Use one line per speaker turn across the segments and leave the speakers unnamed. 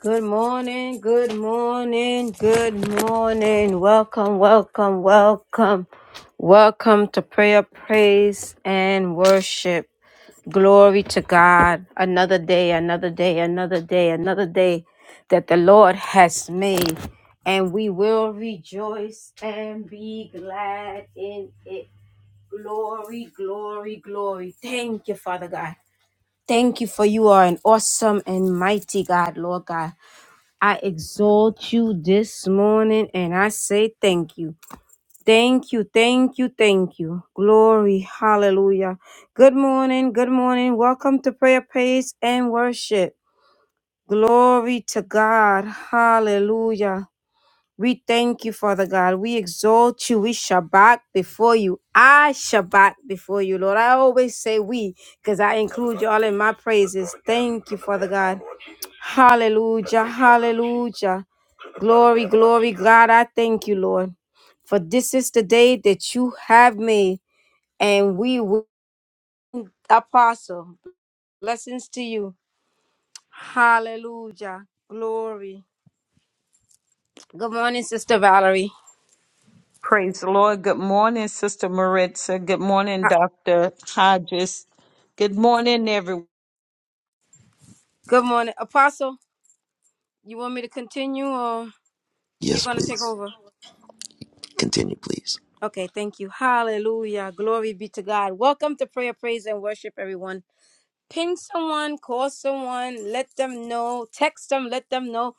Good morning, good morning, good morning. Welcome, welcome, welcome. Welcome to prayer, praise, and worship. Glory to God. Another day, another day, another day, another day that the Lord has made. And we will rejoice and be glad in it. Glory, glory, glory. Thank you, Father God. Thank you for you are an awesome and mighty God, Lord God. I exalt you this morning and I say thank you. Thank you, thank you, thank you. Glory, hallelujah. Good morning, good morning. Welcome to prayer, praise, and worship. Glory to God, hallelujah. We thank you, Father God. We exalt you. We Shabbat before you. I Shabbat before you, Lord. I always say we because I include y'all in my praises. Thank you, Father God. Hallelujah. Hallelujah. Glory, glory, God. I thank you, Lord. For this is the day that you have made, and we will. Apostle, blessings to you. Hallelujah. Glory. Good morning, Sister Valerie.
Praise the Lord. Good morning, Sister Maritza. Good morning,
Ha-
Dr. Hodges. Good morning, everyone.
Good morning. Apostle, you want me to continue or you're
Yes,
going to take
please.
over?
Continue, please.
Okay, thank you. Hallelujah. Glory be to God. Welcome to prayer, praise, and worship, everyone. ping someone, call someone, let them know, text them, let them know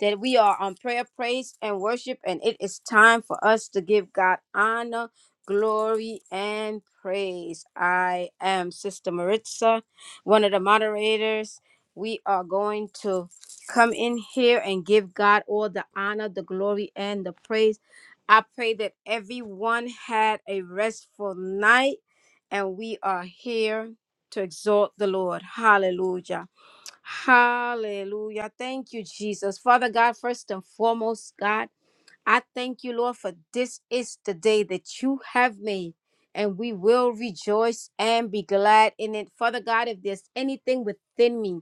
that we are on prayer, praise, and worship, and it is time for us to give God honor, glory, and praise. I am Sister Maritza, one of the moderators. We are going to come in here and give God all the honor, the glory, and the praise. I pray that everyone had a restful night, and we are here to exalt the Lord. Hallelujah. Hallelujah. Thank you, Jesus. Father God, first and foremost, God. I thank you, Lord, for this is the day that you have made, and we will rejoice and be glad in it. Father God, if there's anything within me,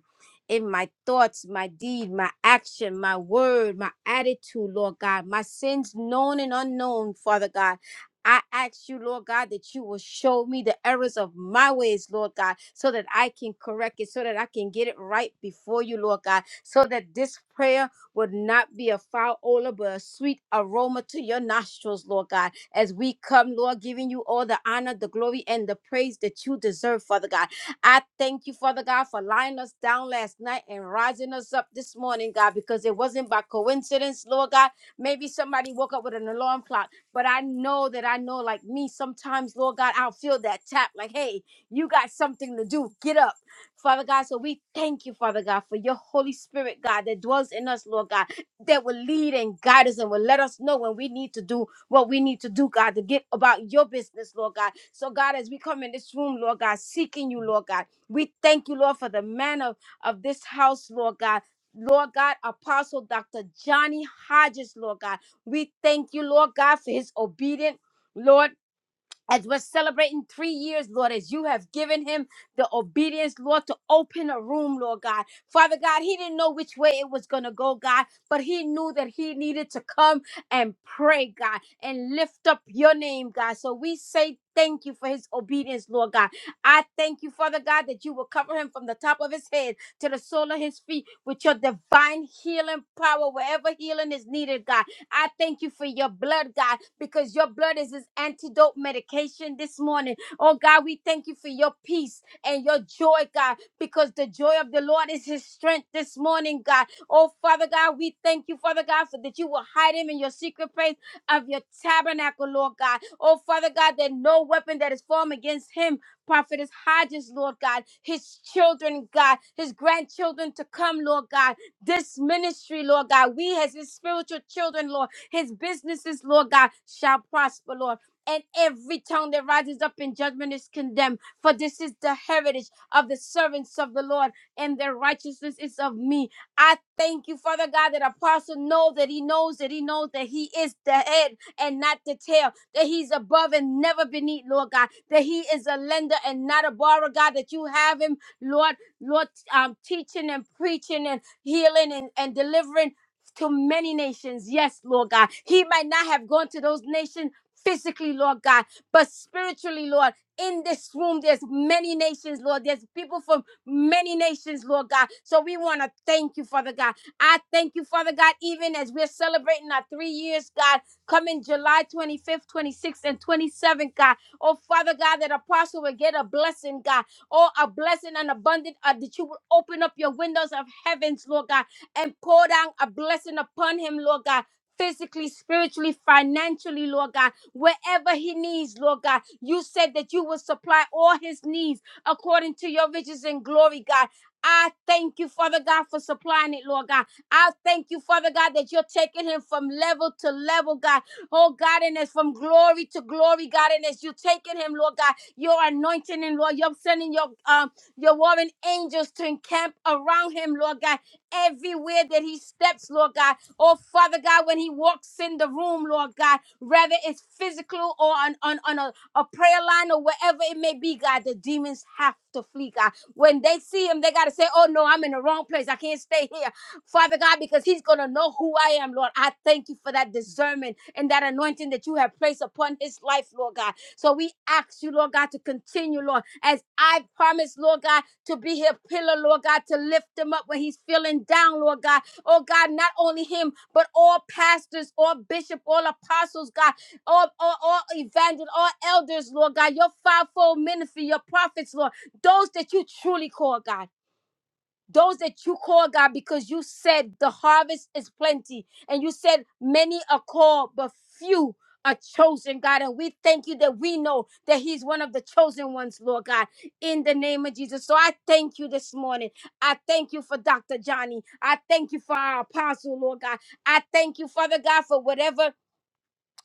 in my thoughts, my deed, my action, my word, my attitude, Lord God, my sins known and unknown, Father God. I ask you, Lord God, that you will show me the errors of my ways, Lord God, so that I can correct it, so that I can get it right before you, Lord God, so that this prayer would not be a foul odor, but a sweet aroma to your nostrils, Lord God. As we come, Lord, giving you all the honor, the glory, and the praise that you deserve, Father God. I thank you, Father God, for lying us down last night and rising us up this morning, God, because it wasn't by coincidence, Lord God. Maybe somebody woke up with an alarm clock, but I know that I know, like me, sometimes, Lord God, I'll feel that tap like, hey, you got something to do. Get up. Father God, so we thank you, Father God, for your Holy Spirit, God, that dwells in us, Lord God, that will lead and guide us and will let us know when we need to do what we need to do, God, to get about your business, Lord God. So, God, as we come in this room, Lord God, seeking you, Lord God, we thank you, Lord, for the man of, of this house, Lord God. Lord God, Apostle Dr. Johnny Hodges, Lord God. We thank you, Lord God, for his obedient, Lord as we're celebrating three years, Lord, as you have given him the obedience, Lord, to open a room, Lord God. Father God, he didn't know which way it was going to go, God, but he knew that he needed to come and pray, God, and lift up your name, God. So we say, Thank you for his obedience, Lord God. I thank you, Father God, that you will cover him from the top of his head to the sole of his feet with your divine healing power, wherever healing is needed, God. I thank you for your blood, God, because your blood is his antidote medication this morning. Oh, God, we thank you for your peace and your joy, God, because the joy of the Lord is his strength this morning, God. Oh, Father God, we thank you, Father God, for that you will hide him in your secret place of your tabernacle, Lord God. Oh, Father God, that no weapon that is formed against him, Prophetess Hodges, Lord God, his children, God, his grandchildren to come, Lord God this ministry, Lord God. We as his spiritual children, Lord, his businesses, Lord God, shall prosper, Lord. And every tongue that rises up in judgment is condemned. For this is the heritage of the servants of the Lord, and their righteousness is of me. I thank you, Father God, that Apostle know that he knows that he knows that he is the head and not the tail, that he's above and never beneath, Lord God, that he is a lender and not a borrower, God, that you have him, Lord, Lord, um, teaching and preaching healing and, and delivering to many nations. Yes, Lord God. He might not have gone to those nations physically, Lord God, but spiritually, Lord. In this room, there's many nations, Lord. There's people from many nations, Lord God. So we want to thank you, Father God. I thank you, Father God, even as we're celebrating our three years, God, coming July 25th, 26th, and 27th, God. Oh, Father God, that apostle will get a blessing, God. Oh, a blessing and abundant uh, that you will open up your windows of heavens, Lord God, and pour down a blessing upon him, Lord God. Physically, spiritually, financially, Lord God, wherever he needs, Lord God, you said that you will supply all his needs according to your riches and glory, God. I thank you, Father God, for supplying it, Lord God. I thank you, Father God, that you're taking him from level to level, God. Oh, God, and it's from glory to glory, God, and as you're taking him, Lord God your anointing him, Lord. You're sending your um your warring angels to encamp around him, Lord God, everywhere that he steps, Lord God. Oh Father God, when he walks in the room, Lord God, whether it's physical or on, on, on a, a prayer line or wherever it may be, God, the demons have to flee, God. When they see him, they gotta say, Oh no, I'm in the wrong place. I can't stay here. Father God, because he's gonna know who I am, Lord. I thank you for that discernment and that anointing that you have placed upon his life, Lord God. So we ask you, Lord God, to continue, Lord, as I promise, Lord God, to be here, pillar, Lord God, to lift him up when he's feeling down, Lord God. Oh God, not only him, but all pastors, all bishops, all apostles, God, all, all, all evangelists, all elders, Lord God, your fivefold ministry, your prophets, Lord, those that you truly call, God those that you call God because you said the harvest is plenty and you said many are called but few are chosen God and we thank you that we know that he's one of the chosen ones Lord God in the name of Jesus so I thank you this morning I thank you for Dr. Johnny I thank you for our apostle Lord God I thank you Father God for whatever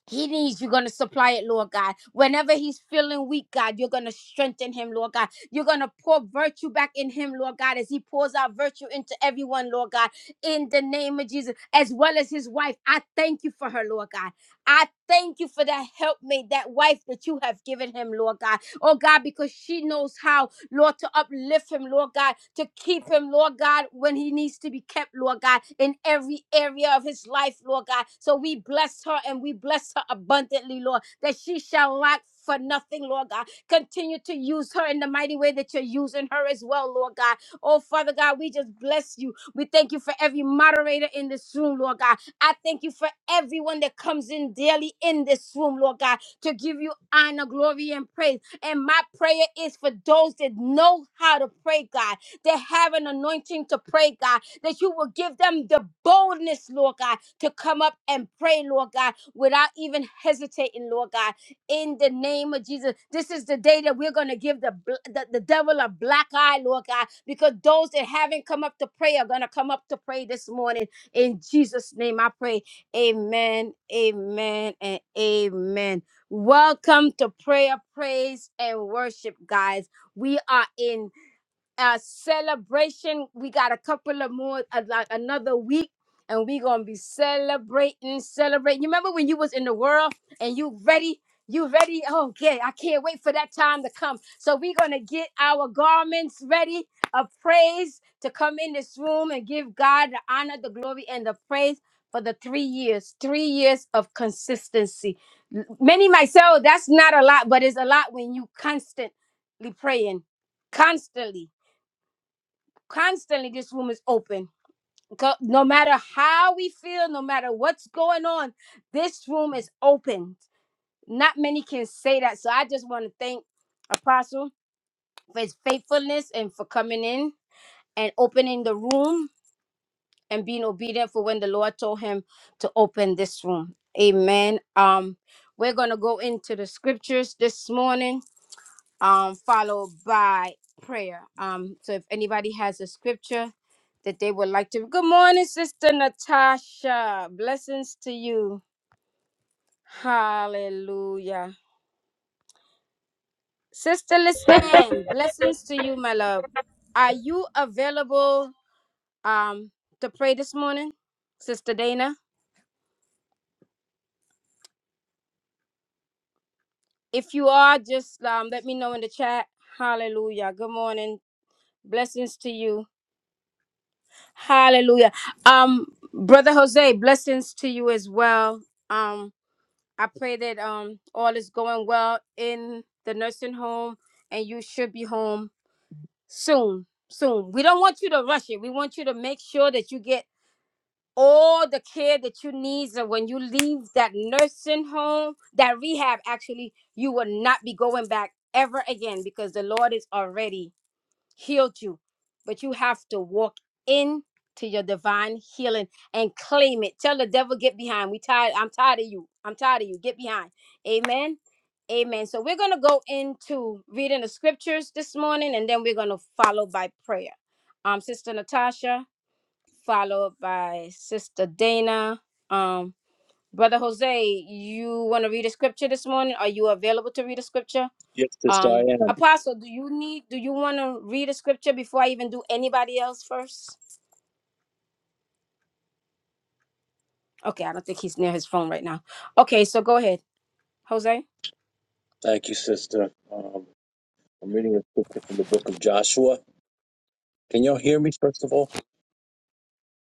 he needs you're going to supply it, Lord God. Whenever he's feeling weak, God, you're going to strengthen him, Lord God. You're going to pour virtue back in him, Lord God, as he pours out virtue into everyone, Lord God, in the name of Jesus, as well as his wife. I thank you for her, Lord God. I thank you for that helpmate, that wife that you have given him, Lord God. Oh God, because she knows how. Lord, to uplift him, Lord God, to keep him, Lord God, when he needs to be kept, Lord God, in every area of his life, Lord God. So we bless her and we bless her abundantly, Lord, that she shall lack for nothing, Lord God. Continue to use her in the mighty way that you're using her as well, Lord God. Oh, Father God, we just bless you. We thank you for every moderator in this room, Lord God. I thank you for everyone that comes in daily in this room, Lord God, to give you honor, glory, and praise. And my prayer is for those that know how to pray, God, that have an anointing to pray, God, that you will give them the boldness, Lord God, to come up and pray, Lord God, without even hesitating, Lord God. In the name of Jesus, this is the day that we're going to give the, bl- the the devil a black eye, Lord God, because those that haven't come up to pray are going to come up to pray this morning. In Jesus' name, I pray. Amen, amen, and amen. Welcome to prayer, praise, and worship, guys. We are in uh celebration. We got a couple of more uh, like another week and we gonna be celebrating, celebrating. You remember when you was in the world and you ready, you ready? Oh yeah, I can't wait for that time to come. So we gonna get our garments ready of praise to come in this room and give God the honor, the glory, and the praise for the three years, three years of consistency. M- Many might say, oh, that's not a lot, but it's a lot when you constantly praying, constantly Constantly, this room is open. Co- No matter how we feel, no matter what's going on, this room is open. Not many can say that. So I just want to thank Apostle for his faithfulness and for coming in and opening the room and being obedient for when the Lord told him to open this room. Amen. Um, we're gonna go into the scriptures this morning um, followed by prayer. Um, so if anybody has a scripture that they would like to, good morning, Sister Natasha. Blessings to you. Hallelujah. Sister Lisanne, blessings to you, my love. Are you available um, to pray this morning, Sister Dana? If you are, just um, let me know in the chat. Hallelujah. Good morning. Blessings to you. Hallelujah. Um, Brother Jose, blessings to you as well. Um, I pray that um all is going well in the nursing home and you should be home soon. Soon. We don't want you to rush it. We want you to make sure that you get all the care that you need so when you leave that nursing home, that rehab actually, you will not be going back ever again because the Lord is already healed you, but you have to walk into your divine healing and claim it. Tell the devil, get behind. We tired. I'm tired of you. I'm tired of you. Get behind. Amen. Amen. So we're gonna go into reading the scriptures this morning, and then we're gonna follow by prayer. Um, Sister Natasha, followed by Sister Dana. Um, Brother Jose, you want to read a scripture this morning? Are you available to read a scripture?
Yes, Sis
Um,
Diane.
Apostle, do you need? Do you want to read a scripture before I even do anybody else first? Okay, I don't think he's near his phone right now. Okay, so go ahead, Jose.
Thank you, sister. Um, I'm reading a scripture from the book of Joshua. Can y'all hear me, first of all?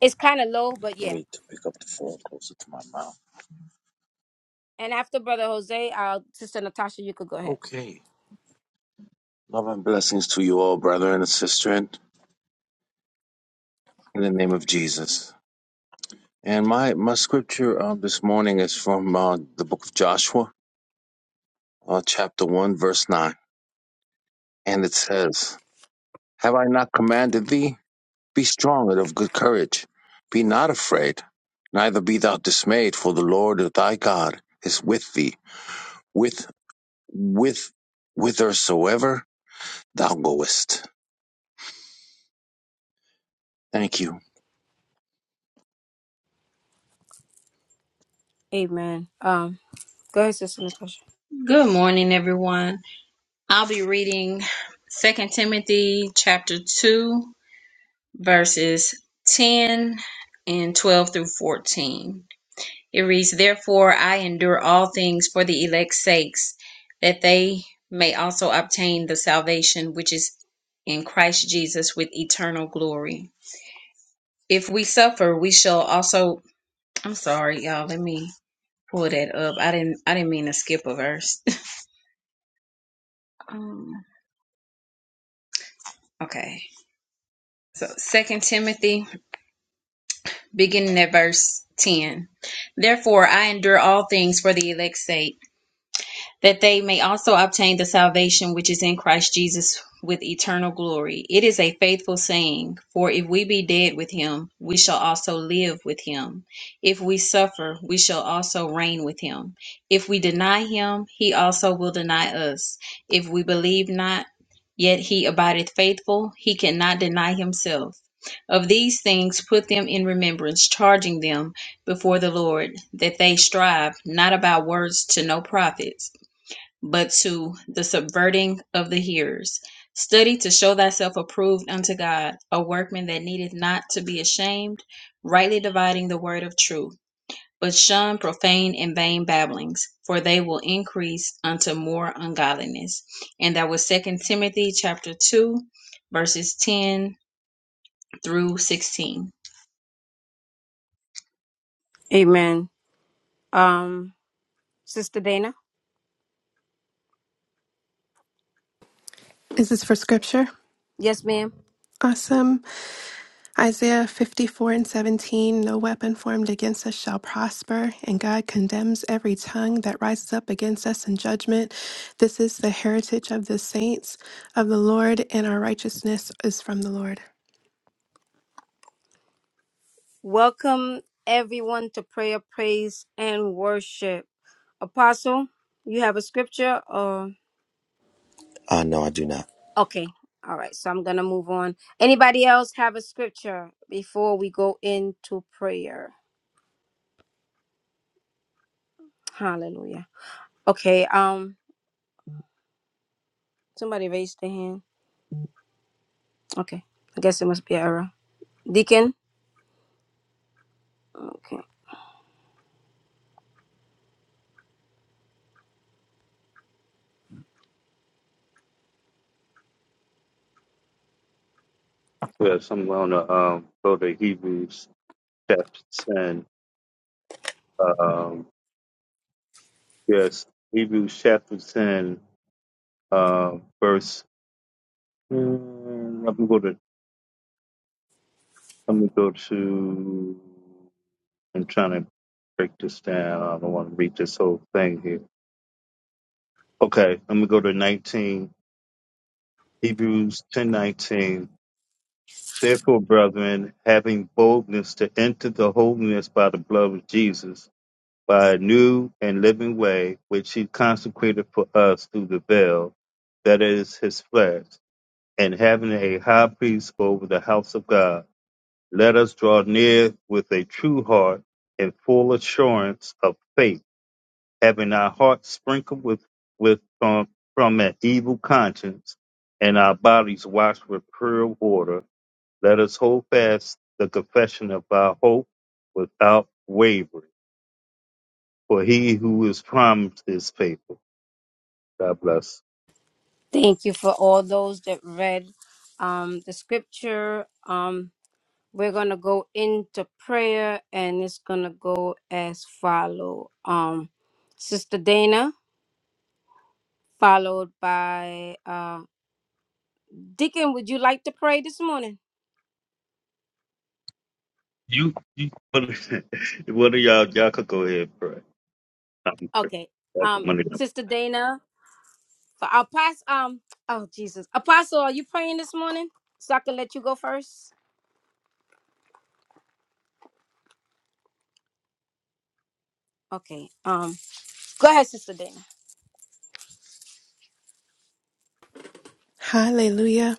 It's kind of low, but
Let
yeah.
me t- pick up the phone closer to my mouth.
And after Brother Jose, uh, Sister Natasha, you could go ahead.
Okay. Love and blessings to you all, brother and sister, in the name of Jesus. And my, my scripture uh, this morning is from uh, the book of Joshua, uh, chapter 1, verse 9. And it says, Have I not commanded thee? Be strong and of good courage. Be not afraid, neither be thou dismayed, for the Lord thy God is with thee, with with whithersoever thou goest. Thank you.
Amen. Um, go ahead, Sister Natasha.
Good morning, everyone. I'll be reading Second Timothy chapter 2, verses 10 and 12 through 14. It reads, Therefore I endure all things for the elect's sakes, that they may also obtain the salvation which is in Christ Jesus with eternal glory. If we suffer, we shall also I'm sorry, y'all, let me pull that up. I didn't I didn't mean to skip a verse. um, okay. So, Second Timothy, beginning at verse 10. Therefore, I endure all things for the elect's sake that they may also obtain the salvation which is in Christ Jesus with eternal glory. It is a faithful saying, for if we be dead with him, we shall also live with him. If we suffer, we shall also reign with him. If we deny him, he also will deny us. If we believe not, yet he abideth faithful, he cannot deny himself. Of these things put them in remembrance, charging them before the Lord, that they strive not about words to no profit but to the subverting of the hearers. Study to show thyself approved unto God, a workman that needeth not to be ashamed, rightly dividing the word of truth. But shun profane and vain babblings, for they will increase unto more ungodliness. And that was Second Timothy chapter two, verses ten through sixteen.
Amen. Um, Sister Dana.
Is this for scripture?
Yes, ma'am.
Awesome. Isaiah 54 and 17 No weapon formed against us shall prosper, and God condemns every tongue that rises up against us in judgment. This is the heritage of the saints of the Lord, and our righteousness is from the Lord.
Welcome everyone to prayer, praise, and worship. Apostle, you have a scripture,
Uh, no, I do not.
Okay. All right. So I'm going to move on. Anybody else have a scripture before we go into prayer? Hallelujah. Okay. Um somebody raised their hand. Okay. I guess it must be an error. Deacon. Okay.
Yes, I'm going to um, go to Hebrews chapter 10. Um, yes, Hebrews chapter 10, uh, verse. mm, I'm going to go to. I'm gonna go to. I'm trying to break this down. I don't want to read this whole thing here. Okay, I'm going to go to 19. Hebrews 10:19. Therefore, brethren, having boldness to enter the holiness by the blood of Jesus by a new and living way which he consecrated for us through the veil, that is his flesh, and having a high priest over the house of God, let us draw near with a true heart and full assurance of faith, having our hearts sprinkled with, with from, from an evil conscience and our bodies washed with pure water. Let us hold fast the confession of our hope without wavering for he who is promised is faithful. God bless.
Thank you for all those that read um the scripture. Um we're going to go into prayer and it's going to go as follow. Um Sister Dana followed by uh Deacon, would you like to pray this morning?
You, you one of y'all, y'all could go ahead and pray.
Okay. Um,
I'm-
Sister Dana, for Apostle, um, oh Jesus, Apostle, are you praying this morning? So I can let you go first. Okay. Um, go ahead, Sister Dana.
Hallelujah.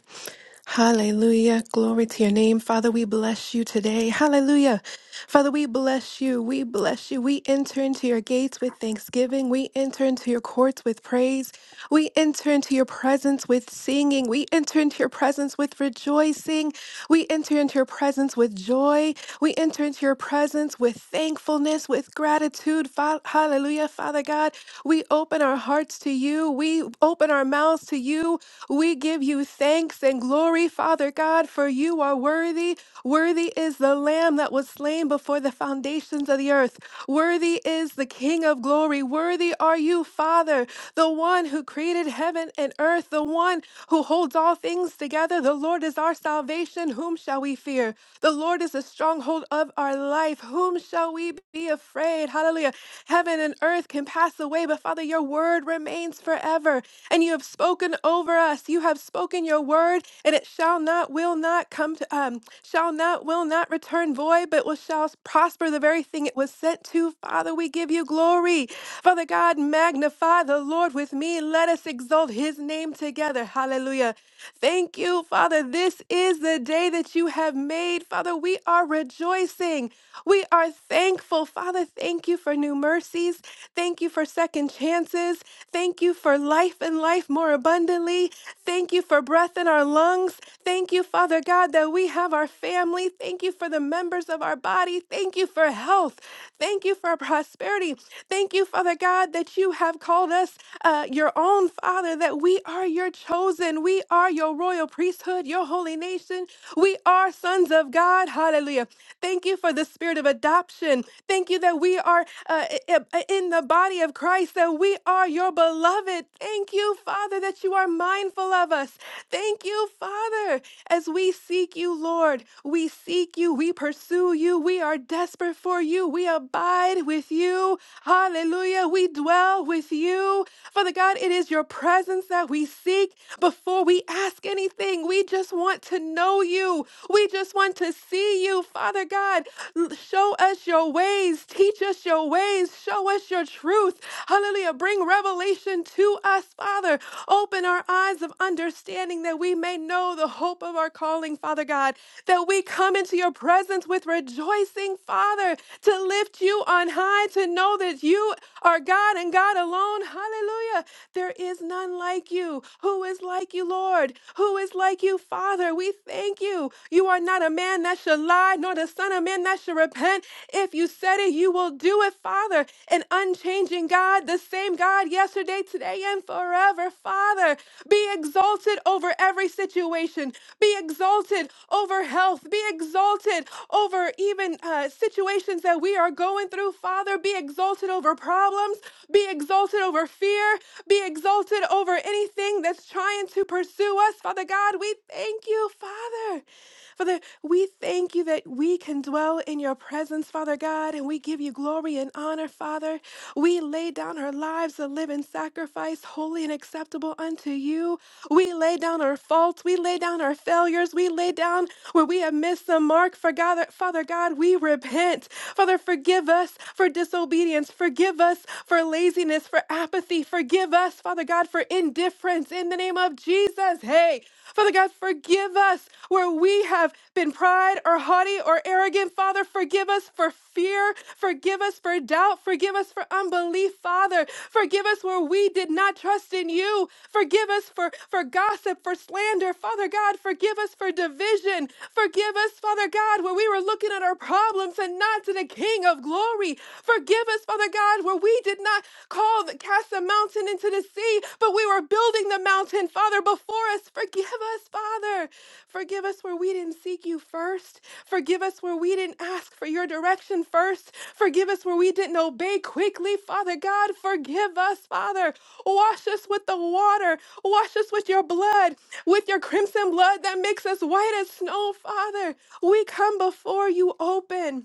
Hallelujah. Glory to your name. Father, we bless you today. Hallelujah. Father, we bless you. We bless you. We enter into your gates with thanksgiving. We enter into your courts with praise. We enter into your presence with singing. We enter into your presence with rejoicing. We enter into your presence with joy. We enter into your presence with thankfulness, with gratitude. Fa- Hallelujah, Father God. We open our hearts to you. We open our mouths to you. We give you thanks and glory, Father God, for you are worthy. Worthy is the Lamb that was slain before the foundations of the earth. Worthy is the King of glory. Worthy are you, Father, the one who created heaven and earth, the one who holds all things together, the Lord is our salvation. Whom shall we fear? The Lord is the stronghold of our life. Whom shall we be afraid? Hallelujah. Heaven and earth can pass away, but Father, your word remains forever. And you have spoken over us. You have spoken your word, and it shall not, will not come to, um, shall not, will not return void, but will shall prosper the very thing it was sent to. Father, we give you glory. Father God, magnify the Lord with me. Let us exalt his name together. Hallelujah. Thank you, Father. This is the day that you have made. Father, we are rejoicing. We are thankful. Father, thank you for new mercies. Thank you for second chances. Thank you for life and life more abundantly. Thank you for breath in our lungs. Thank you, Father God, that we have our family. Thank you for the members of our body. Thank you for health. Thank you for prosperity. Thank you, Father God, that you have called us uh, your own, Father, that we are are your chosen. We are your royal priesthood, your holy nation. We are sons of God. Hallelujah. Thank you for the spirit of adoption. Thank you that we are uh, i- i- uh, in the body of Christ, that we are your beloved. Thank you, Father, that you are mindful of us. Thank you, Father, as we seek you, Lord. We seek you. We pursue you. We are desperate for you. We abide with you. Hallelujah. We dwell with you. Father God, it is your your presence that we seek before we ask anything. We just want to know you. We just want to see you, Father God. L- Show us your ways. Teach us your ways. Show us your truth. Hallelujah. Bring revelation to us, Father. Open our eyes of understanding that we may know the hope of our calling, Father God, that we come into your presence with rejoicing, Father, to lift you on high, to know that you are God and God alone. Hallelujah. There is none like you. Who is like you, Lord? Who is like you, Father? We thank you. You are not a man that shall lie, nor the Son of Man that shall repent. If you said it, you will do it, Father. An unchanging God, the same God yesterday, today, and forever, Father. Be exalted over every situation. Be exalted over health. Be exalted over even uh, situations that we are going through, Father. Be exalted over problems problems, be exalted over fear, be exalted over anything that's trying to pursue us. Father God, we thank you, Father. Father, we thank you that we can dwell in your presence, Father God, and we give you glory and honor, Father. We lay down our lives a living sacrifice, holy and acceptable unto you. We lay down our faults, we lay down our failures, we lay down where we have missed the mark. For God, Father God, we repent. Father, forgive us for disobedience disobedience. Forgive us for laziness, for apathy. Forgive us, Father God, for indifference in the name of Jesus. Hey, Father God, forgive us where we have been pride or haughty or arrogant. Father, forgive us for fear. Forgive us for doubt. Forgive us for unbelief, Father. Forgive us where we did not trust in you. Forgive us for, for gossip, for slander. Father God, forgive us for division. Forgive us, Father God, where we were looking at our problems and not to the King of glory. Forgive us, Father God, where we did not call the, cast the mountain into the sea, but we were building the mountain, Father, before us. Forgive us, Father. Forgive us where we didn't seek you first. Forgive us where we didn't ask for your direction first. Forgive us where we didn't obey quickly, Father God. Forgive us, Father. Wash us with the water. Wash us with your blood, with your crimson blood that makes us white as snow, Father. We come before you open.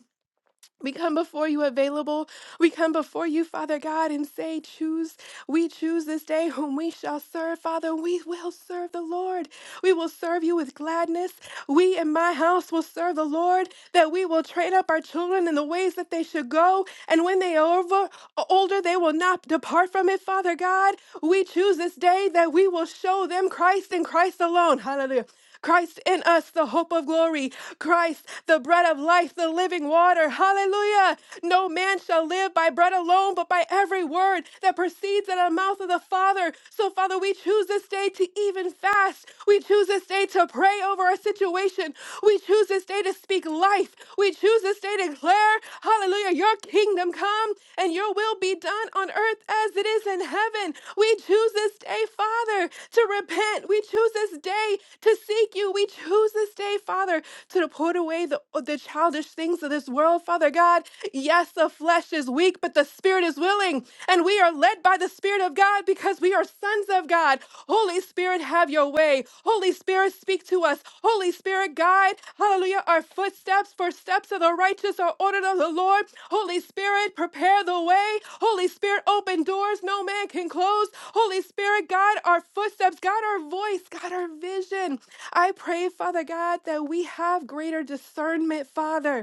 We come before you available. We come before you, Father God, and say, Choose. We choose this day whom we shall serve. Father, we will serve the Lord. We will serve you with gladness. We and my house will serve the Lord, that we will train up our children in the ways that they should go. And when they are over, older, they will not depart from it, Father God. We choose this day that we will show them Christ and Christ alone. Hallelujah. Christ in us, the hope of glory. Christ, the bread of life, the living water. Hallelujah. No man shall live by bread alone, but by every word that proceeds out of the mouth of the Father. So, Father, we choose this day to even fast. We choose this day to pray over our situation. We choose this day to speak life. We choose this day to declare, hallelujah, your kingdom kingdom come and your will be done on earth as it is in heaven. We choose this day, Father, to repent. We choose this day to seek you. We choose this day, Father, to put away the, the childish things of this world, Father God. Yes, the flesh is weak, but the spirit is willing. And we are led by the Spirit of God because we are sons of God. Holy Holy Spirit, have your way. Holy Spirit, speak to us. Holy Spirit, guide. Hallelujah. Our footsteps, for steps of the righteous are ordered of the Lord. Holy Spirit, prepare the way. Holy Spirit, open doors no man can close. Holy Spirit, guide our footsteps, guide our voice, guide our vision. I pray, Father God, that we have greater discernment, Father.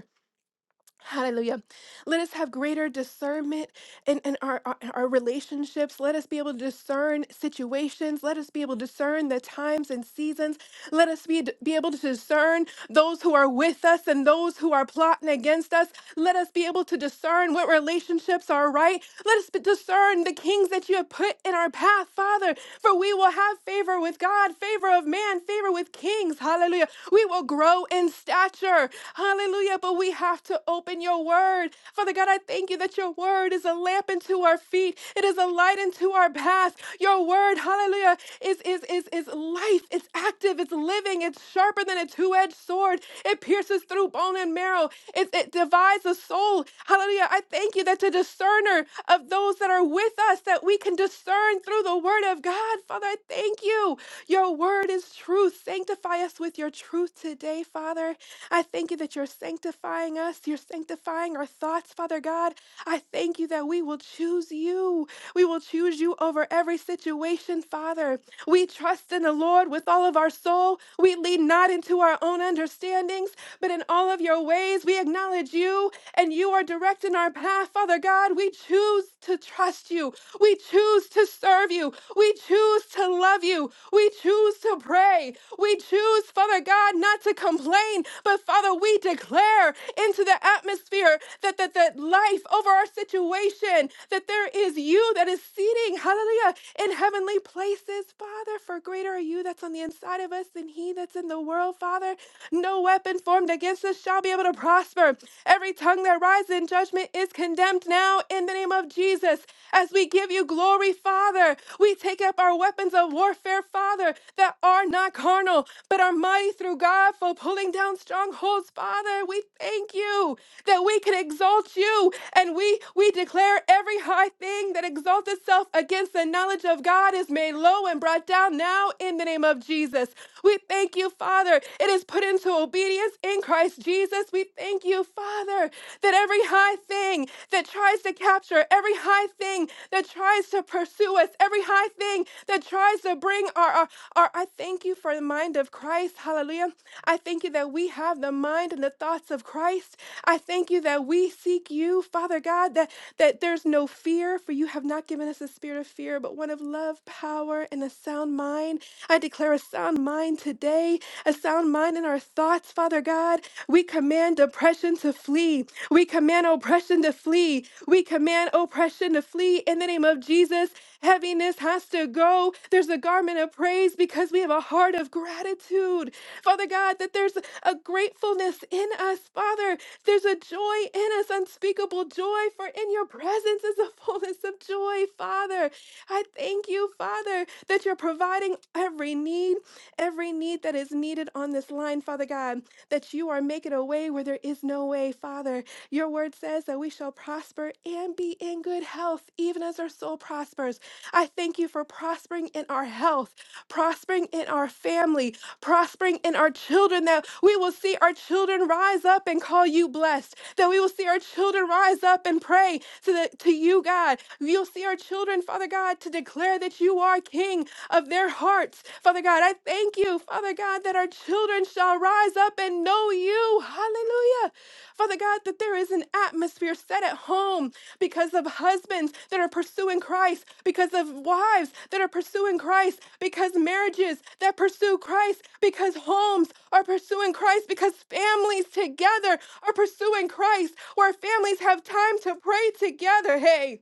Hallelujah. Let us have greater discernment in, in our, our, our relationships. Let us be able to discern situations. Let us be able to discern the times and seasons. Let us be, be able to discern those who are with us and those who are plotting against us. Let us be able to discern what relationships are right. Let us be- discern the kings that you have put in our path, Father, for we will have favor with God, favor of man, favor with kings. Hallelujah. We will will grow in stature. Hallelujah. But we have to open your word. Father God, I thank you that your word is a lamp unto our feet. It is a light unto our path. Your word, hallelujah, is is is is life. It's active. It's living. It's sharper than a two-edged sword. It pierces through bone and marrow. It, it divides the soul. Hallelujah. I thank you that the discerner of those that are with us, that we can discern through the word of God. Father, I thank you you. Your word is truth. Sanctify us with your truth today, Father. I thank you that you're sanctifying us. You're sanctifying our thoughts, Father God. I thank you that we will choose you. We will choose you over every situation, Father. We trust in the Lord with all of our soul. We lean not into our own understandings, but in all of your ways we acknowledge you and you are directing our path, Father God. We choose to trust you. We choose to serve you. We choose to love you. We choose to pray. We choose, Father God, not to complain, but Father, we declare into the atmosphere that, that, that life over our situation, that there is you that is seating, hallelujah, in heavenly places, Father. For greater are you that's on the inside of us than he that's in the world, Father. No weapon formed against us shall be able to prosper. Every tongue that rises and judgment is condemned now in the name of Jesus. As we give you glory, Father, we take up our weapons of warfare, Father, that are not carnal, but are mighty through God for pulling down strongholds, Father. We thank you that we can exalt you and we we declare every high thing that exalts itself against the knowledge of God is made low and brought down now in the name of Jesus. We thank you, Father. It is put into obedience obedience in Christ Jesus. We thank you, Father, that every high thing that tries to capture, every high thing that tries to pursue us, every high thing that tries to bring our, our, our I thank you for the mind of Christ. Hallelujah. I thank you that we have the mind and the thoughts of Christ. I thank you that we seek you, Father God, that, that there's no fear, for you have not given us a spirit of fear, but one of love, power, and a sound mind. I declare declare a sound mind today, a sound mind in our thoughts, Father God. We command depression to flee. We command oppression to flee. We command oppression to flee in the name of Jesus. Heaviness has to go. There's a garment of praise because we have a heart of gratitude. Father God, that there's a gratefulness in us, Father. There's a joy in us, unspeakable joy, for in your presence is the fullness of joy, Father. I thank you, Father, that you're providing every need, every need that is needed on this line, Father God, that you are making a way where there is no way, Father. Your word says that we shall prosper and be in good health, even as our soul prospers. I thank you for prospering in our health, prospering in our family, prospering in our children, that we will see our children rise up and call you blessed fast, that we will see our children rise up and pray to, the, to you, God. You'll see our children, Father God, to declare that you are King of their hearts. Father God, I thank you, Father God, that our children shall rise up and know you. Hallelujah. Father God, that there is an atmosphere set at home because of husbands that are pursuing Christ, because of wives that are pursuing Christ, because marriages that pursue Christ, because homes are pursuing Christ, because families together are pursuing Christ, where families have time to pray together. Hey,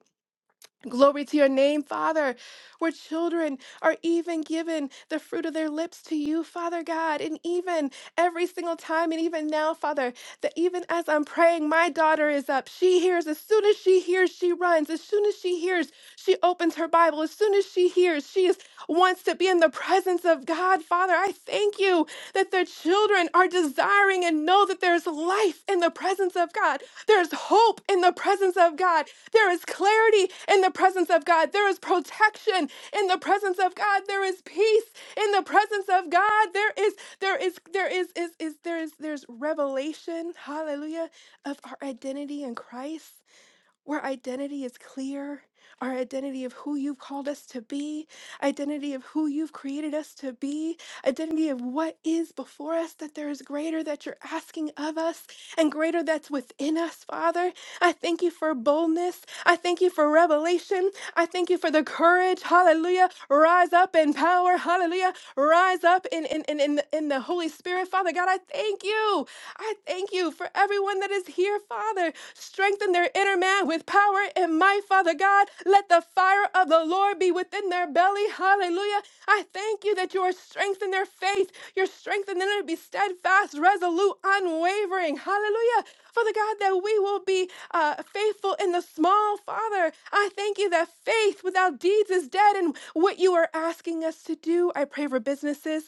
glory to your name, Father, where children are even given the fruit of their lips to you, Father God, and even every single time. And even now, Father, that even as I'm praying, my daughter is up. She hears. As soon as she hears, she runs. As soon as she hears, she opens her Bible. As soon as she hears, she is, wants to be in the presence of God. Father, I thank you that their children are desiring and know that there's life in the presence of God. There's hope in the presence of God. There is clarity in the presence of God. There is protection in the presence of God. There is peace in the presence of God. There is there is there is is is there is there's revelation hallelujah of our identity in christ where identity is clear our identity of who you've called us to be identity of who you've created us to be identity of what is before us that there is greater that you're asking of us and greater that's within us father i thank you for boldness i thank you for revelation I thank you for the courage. Hallelujah. Rise up in power. Hallelujah. Rise up in, in, in, in, the, in the Holy Spirit. Father God, I thank you. I thank you for everyone that is here, Father. Strengthen their inner man with power and might, Father God. Let the fire of the Lord be within their belly. Hallelujah. I thank you that you are strengthening their faith. You're strengthening them to be steadfast, resolute, unwavering. Hallelujah. Father God, that we will be uh, faithful in the small, Father. I thank you that faith without deeds is dead and what you are asking us to do. I pray for businesses.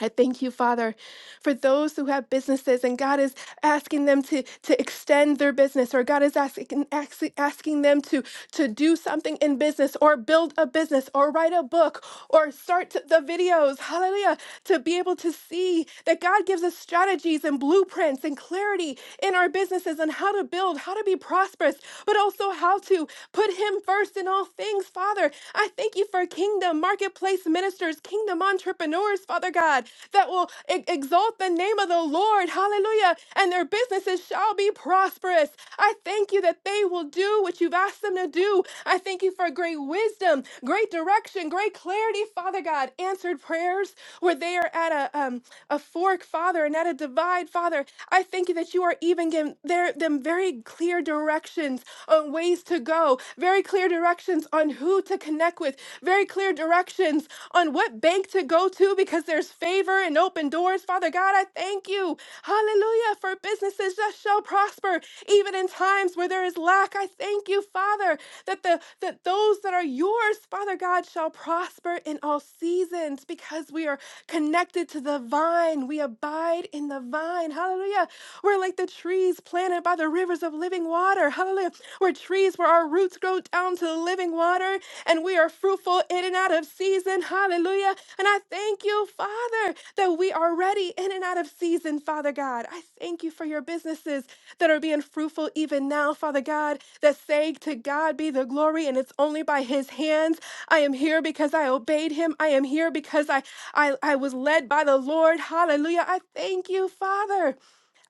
I thank you, Father, for those who have businesses and God is asking them to, to extend their business, or God is asking, asking asking them to, to do something in business, or build a business, or write a book, or start the videos. Hallelujah. To be able to see that God gives us strategies and blueprints and clarity in our businesses and how to build, how to be prosperous, but also how to put Him first in all things, Father. I thank you for kingdom marketplace ministers leaders, kingdom entrepreneurs, Father God, that will e- exalt the name of the Lord. Hallelujah. And their businesses shall be prosperous. I thank you that they will do what you've asked them to do. I thank you for great wisdom, great direction, great clarity, Father God. Answered prayers where they are at a um, a fork, Father, and at a divide, Father. I thank you that you are even giving their, them very clear directions on ways to go, very clear directions on on who to connect with, very clear directions on what bank to go to because there's favor and open doors. Father God, I thank you. Hallelujah. For businesses that shall prosper even in times where there is lack. I thank you, Father, that the that those that are yours, Father God, shall prosper in all seasons because we are connected to the vine. We abide in the vine. Hallelujah. We're like the trees planted by the rivers of living water water. Hallelujah. We're trees where our roots grow down to the living water and we are fruitful in and out of season. Hallelujah. And I thank you, Father, that we are ready in and out of season, Father God. I thank you for your businesses that are being fruitful even now, Father God, that say to God be the glory and it's only by his hands. I am here because I obeyed him. I am here because I I, I was led by the Lord. Hallelujah. I thank you, Father.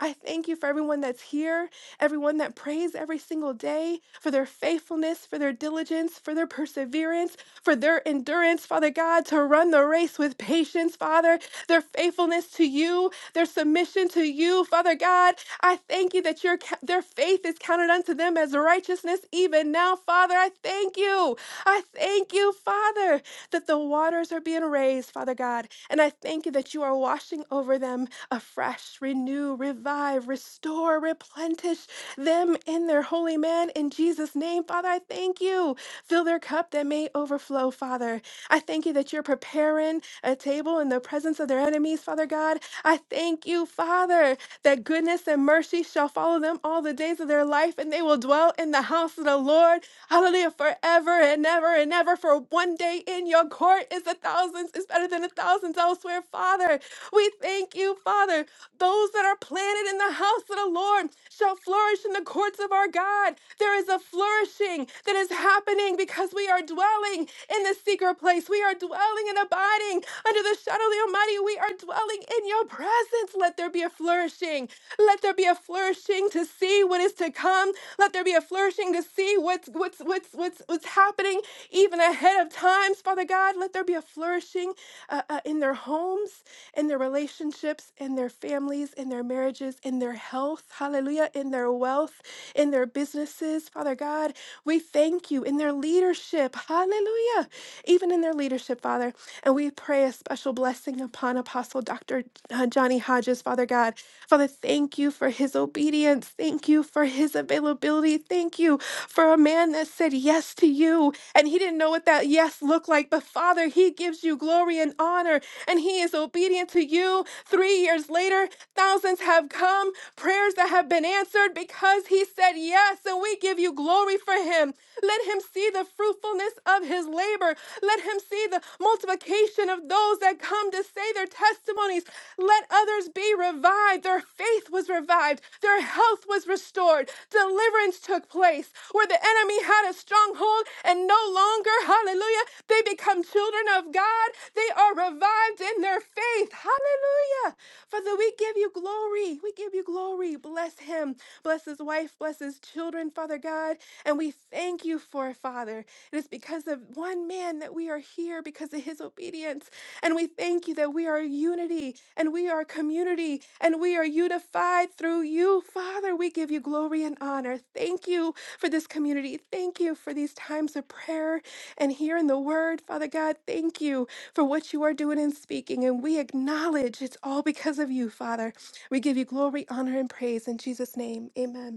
I thank you for everyone that's here, everyone that prays every single day, for their faithfulness, for their diligence, for their perseverance, for their endurance, Father God, to run the race with patience, Father, their faithfulness to you, their submission to you, Father God. I thank you that your ca- their faith is counted unto them as righteousness even now, Father. I thank you. I thank you, Father, that the waters are being raised, Father God. And I thank you that that you are washing over them afresh, renew, revive, restore, replenish them in their holy man in Jesus' name. Father, I thank you. Fill their cup that may overflow, Father. I thank you that you're preparing a table in the presence of their enemies, Father God. I thank you, Father, that goodness and mercy shall follow them all the days of their life, and they will dwell in the house of the Lord. Hallelujah, forever and ever and ever for one day in in your court is a thousand is better than a thousand elsewhere, Father. We thank you, Father. Those that are planted in the house of the Lord shall flourish in the courts of our God. There is a flourishing that is happening because we are dwelling in the secret place. We are dwelling and abiding under the shadow of the Almighty. We are dwelling in your presence. Let there be a flourishing. Let there be a flourishing to see what is to come. Let there be a flourishing to see what's what what's what's what's what's happening even ahead of times, Father God. Let there be a flourishing uh, uh, in their homes, in their relationships, in their families, in their marriages, in their health. Hallelujah! In their wealth, in their businesses, Father God. We thank you in their leadership. Hallelujah! Even in their leadership, Father, and we pray a special blessing upon Apostle Doctor uh, Johnny Hodges, Father God. Father, thank you for his obedience. Thank you for his availability. Thank you for a man that said yes to you and he didn't know what that yes looked like. But Father, he gives you glory and honor and he is obedient to you. Three years later, thousands have come, prayers that have been answered because he said yes. And we give you glory for him. Let him see the fruitfulness of his labor. Let him see the multiplication of those that come to say their testimonies. Let others lives be revived. Their faith was revived. Their health was restored. Deliverance took place where the enemy had a stronghold and no longer, hallelujah, they become children of God. They are revived in their faith. Hallelujah. Father, we give you glory. We give you glory. Bless him. Bless his wife. Bless his children, Father God. And we thank you for Father. It is because of one man that we are here because of his obedience. And we thank you that we are unity and we are community and we are unified through you. Father, we give you glory and honor. Thank you for this community. Thank you for these times of prayer and hearing the word. Father God, thank you for what you are doing and speaking. And we acknowledge it's all because of you, Father. We give you glory, honor, and praise in Jesus' name. Amen.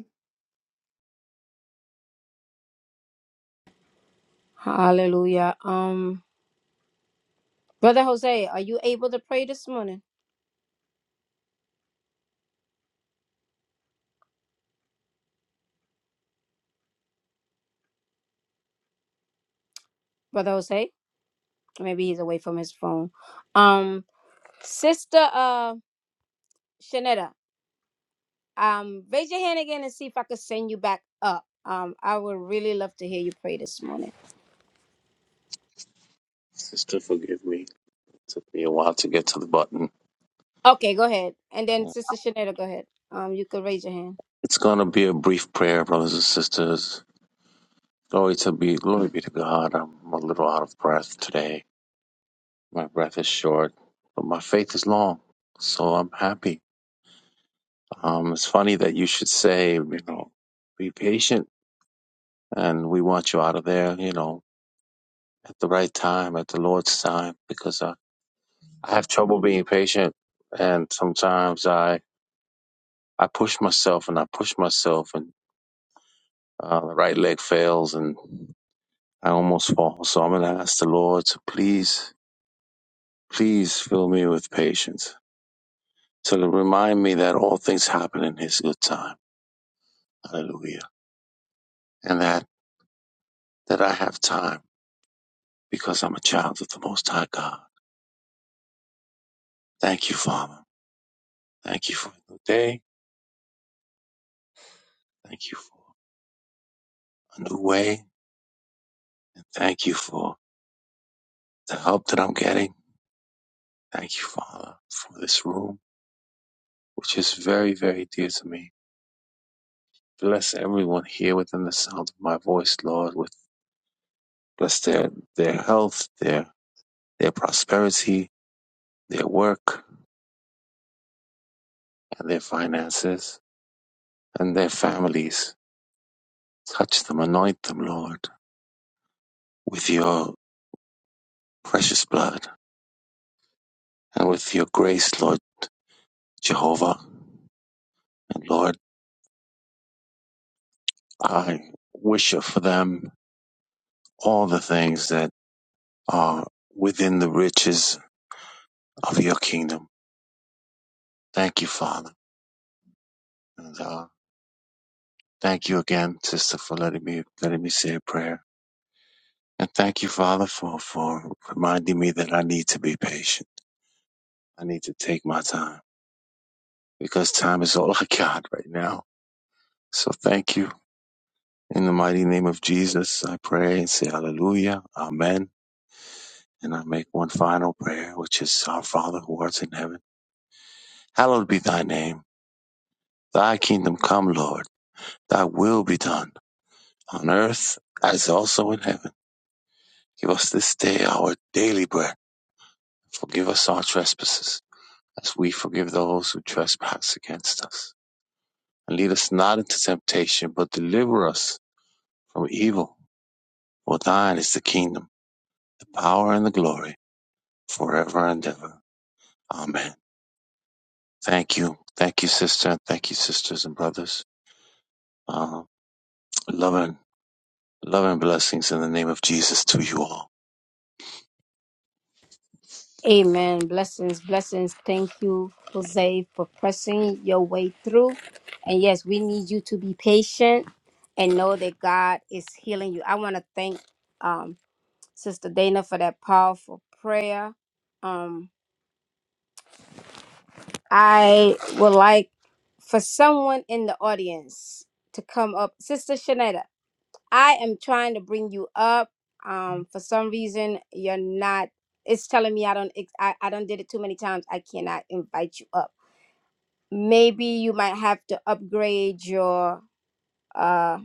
Hallelujah. Um, Brother Jose, are you able to pray this morning, Brother Jose? Maybe he's away from his phone. Um, Sister uh Shanetta, um, raise your hand again and see if I could send you back up. Um, I would really love to hear you pray this morning.
Sister, forgive me. It took me a while to get to the button.
Okay, go ahead, and then Sister Shanetta, go ahead. Um, you could raise your hand.
It's gonna be a brief prayer, brothers and sisters. Glory to be glory be to God. I'm a little out of breath today. My breath is short, but my faith is long. So I'm happy. Um, it's funny that you should say, you know, be patient and we want you out of there, you know, at the right time, at the Lord's time, because uh, I have trouble being patient. And sometimes I, I push myself and I push myself and uh, the right leg fails and I almost fall. So I'm going to ask the Lord to please, please fill me with patience to remind me that all things happen in his good time. Hallelujah. And that, that I have time because I'm a child of the Most High God Thank you, Father. Thank you for a new day. Thank you for a new way. Thank you for the help that I'm getting. Thank you, Father, for this room, which is very, very dear to me. Bless everyone here within the sound of my voice, Lord, with bless their, their health, their their prosperity, their work, and their finances, and their families. Touch them, anoint them, Lord, with your precious blood and with your grace, Lord Jehovah. And Lord, I wish for them all the things that are within the riches of your kingdom. Thank you, Father. And uh, thank you again, sister, for letting me letting me say a prayer. And thank you, Father, for, for reminding me that I need to be patient. I need to take my time because time is all I got right now. So thank you. In the mighty name of Jesus, I pray and say hallelujah, amen. And I make one final prayer, which is our Father who art in heaven. Hallowed be thy name. Thy kingdom come, Lord. Thy will be done on earth as also in heaven. Give us this day our daily bread. Forgive us our trespasses as we forgive those who trespass against us. And lead us not into temptation, but deliver us from evil. For thine is the kingdom, the power, and the glory forever and ever. Amen. Thank you. Thank you, sister. Thank you, sisters and brothers. Uh, love and, love and blessings in the name of Jesus to you all.
Amen. Blessings, blessings. Thank you, Jose, for pressing your way through. And yes, we need you to be patient and know that God is healing you. I want to thank um, Sister Dana for that powerful prayer. Um, I would like for someone in the audience to come up. Sister Shanetta, I am trying to bring you up. Um, for some reason, you're not. It's telling me I don't. ex- I I don't did it too many times. I cannot invite you up. Maybe you might have to upgrade your uh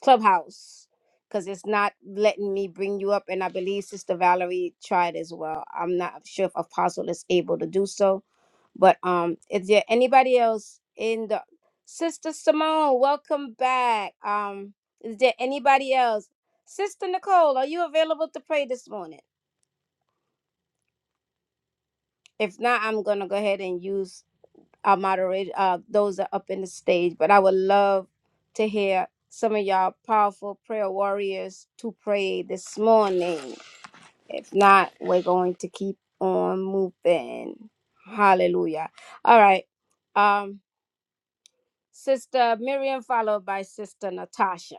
Clubhouse because it's not letting me bring you up. And I believe Sister Valerie tried as well. I'm not sure if Apostle is able to do so. But um, is there anybody else in the Sister Simone? Welcome back. Um, is there anybody else? Sister Nicole, are you available to pray this morning? If not, I'm gonna go ahead and use our moderator, uh, those that are up in the stage. But I would love to hear some of y'all powerful prayer warriors to pray this morning. If not, we're going to keep on moving. Hallelujah. All right. Um, Sister Miriam, followed by Sister Natasha.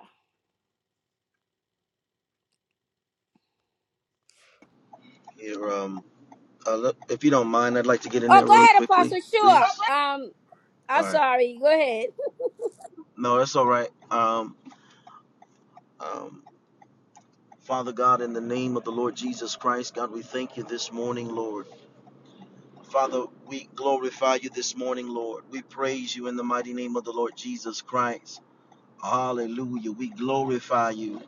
Here, um, uh, look, if you don't mind, I'd like to get in
Oh,
there
go
really
ahead,
quickly,
Apostle.
please.
Sure. Um, I'm
All right.
sorry. Go ahead.
No, that's all right. Um, um, Father God, in the name of the Lord Jesus Christ, God, we thank you this morning, Lord. Father, we glorify you this morning, Lord. We praise you in the mighty name of the Lord Jesus Christ. Hallelujah. We glorify you.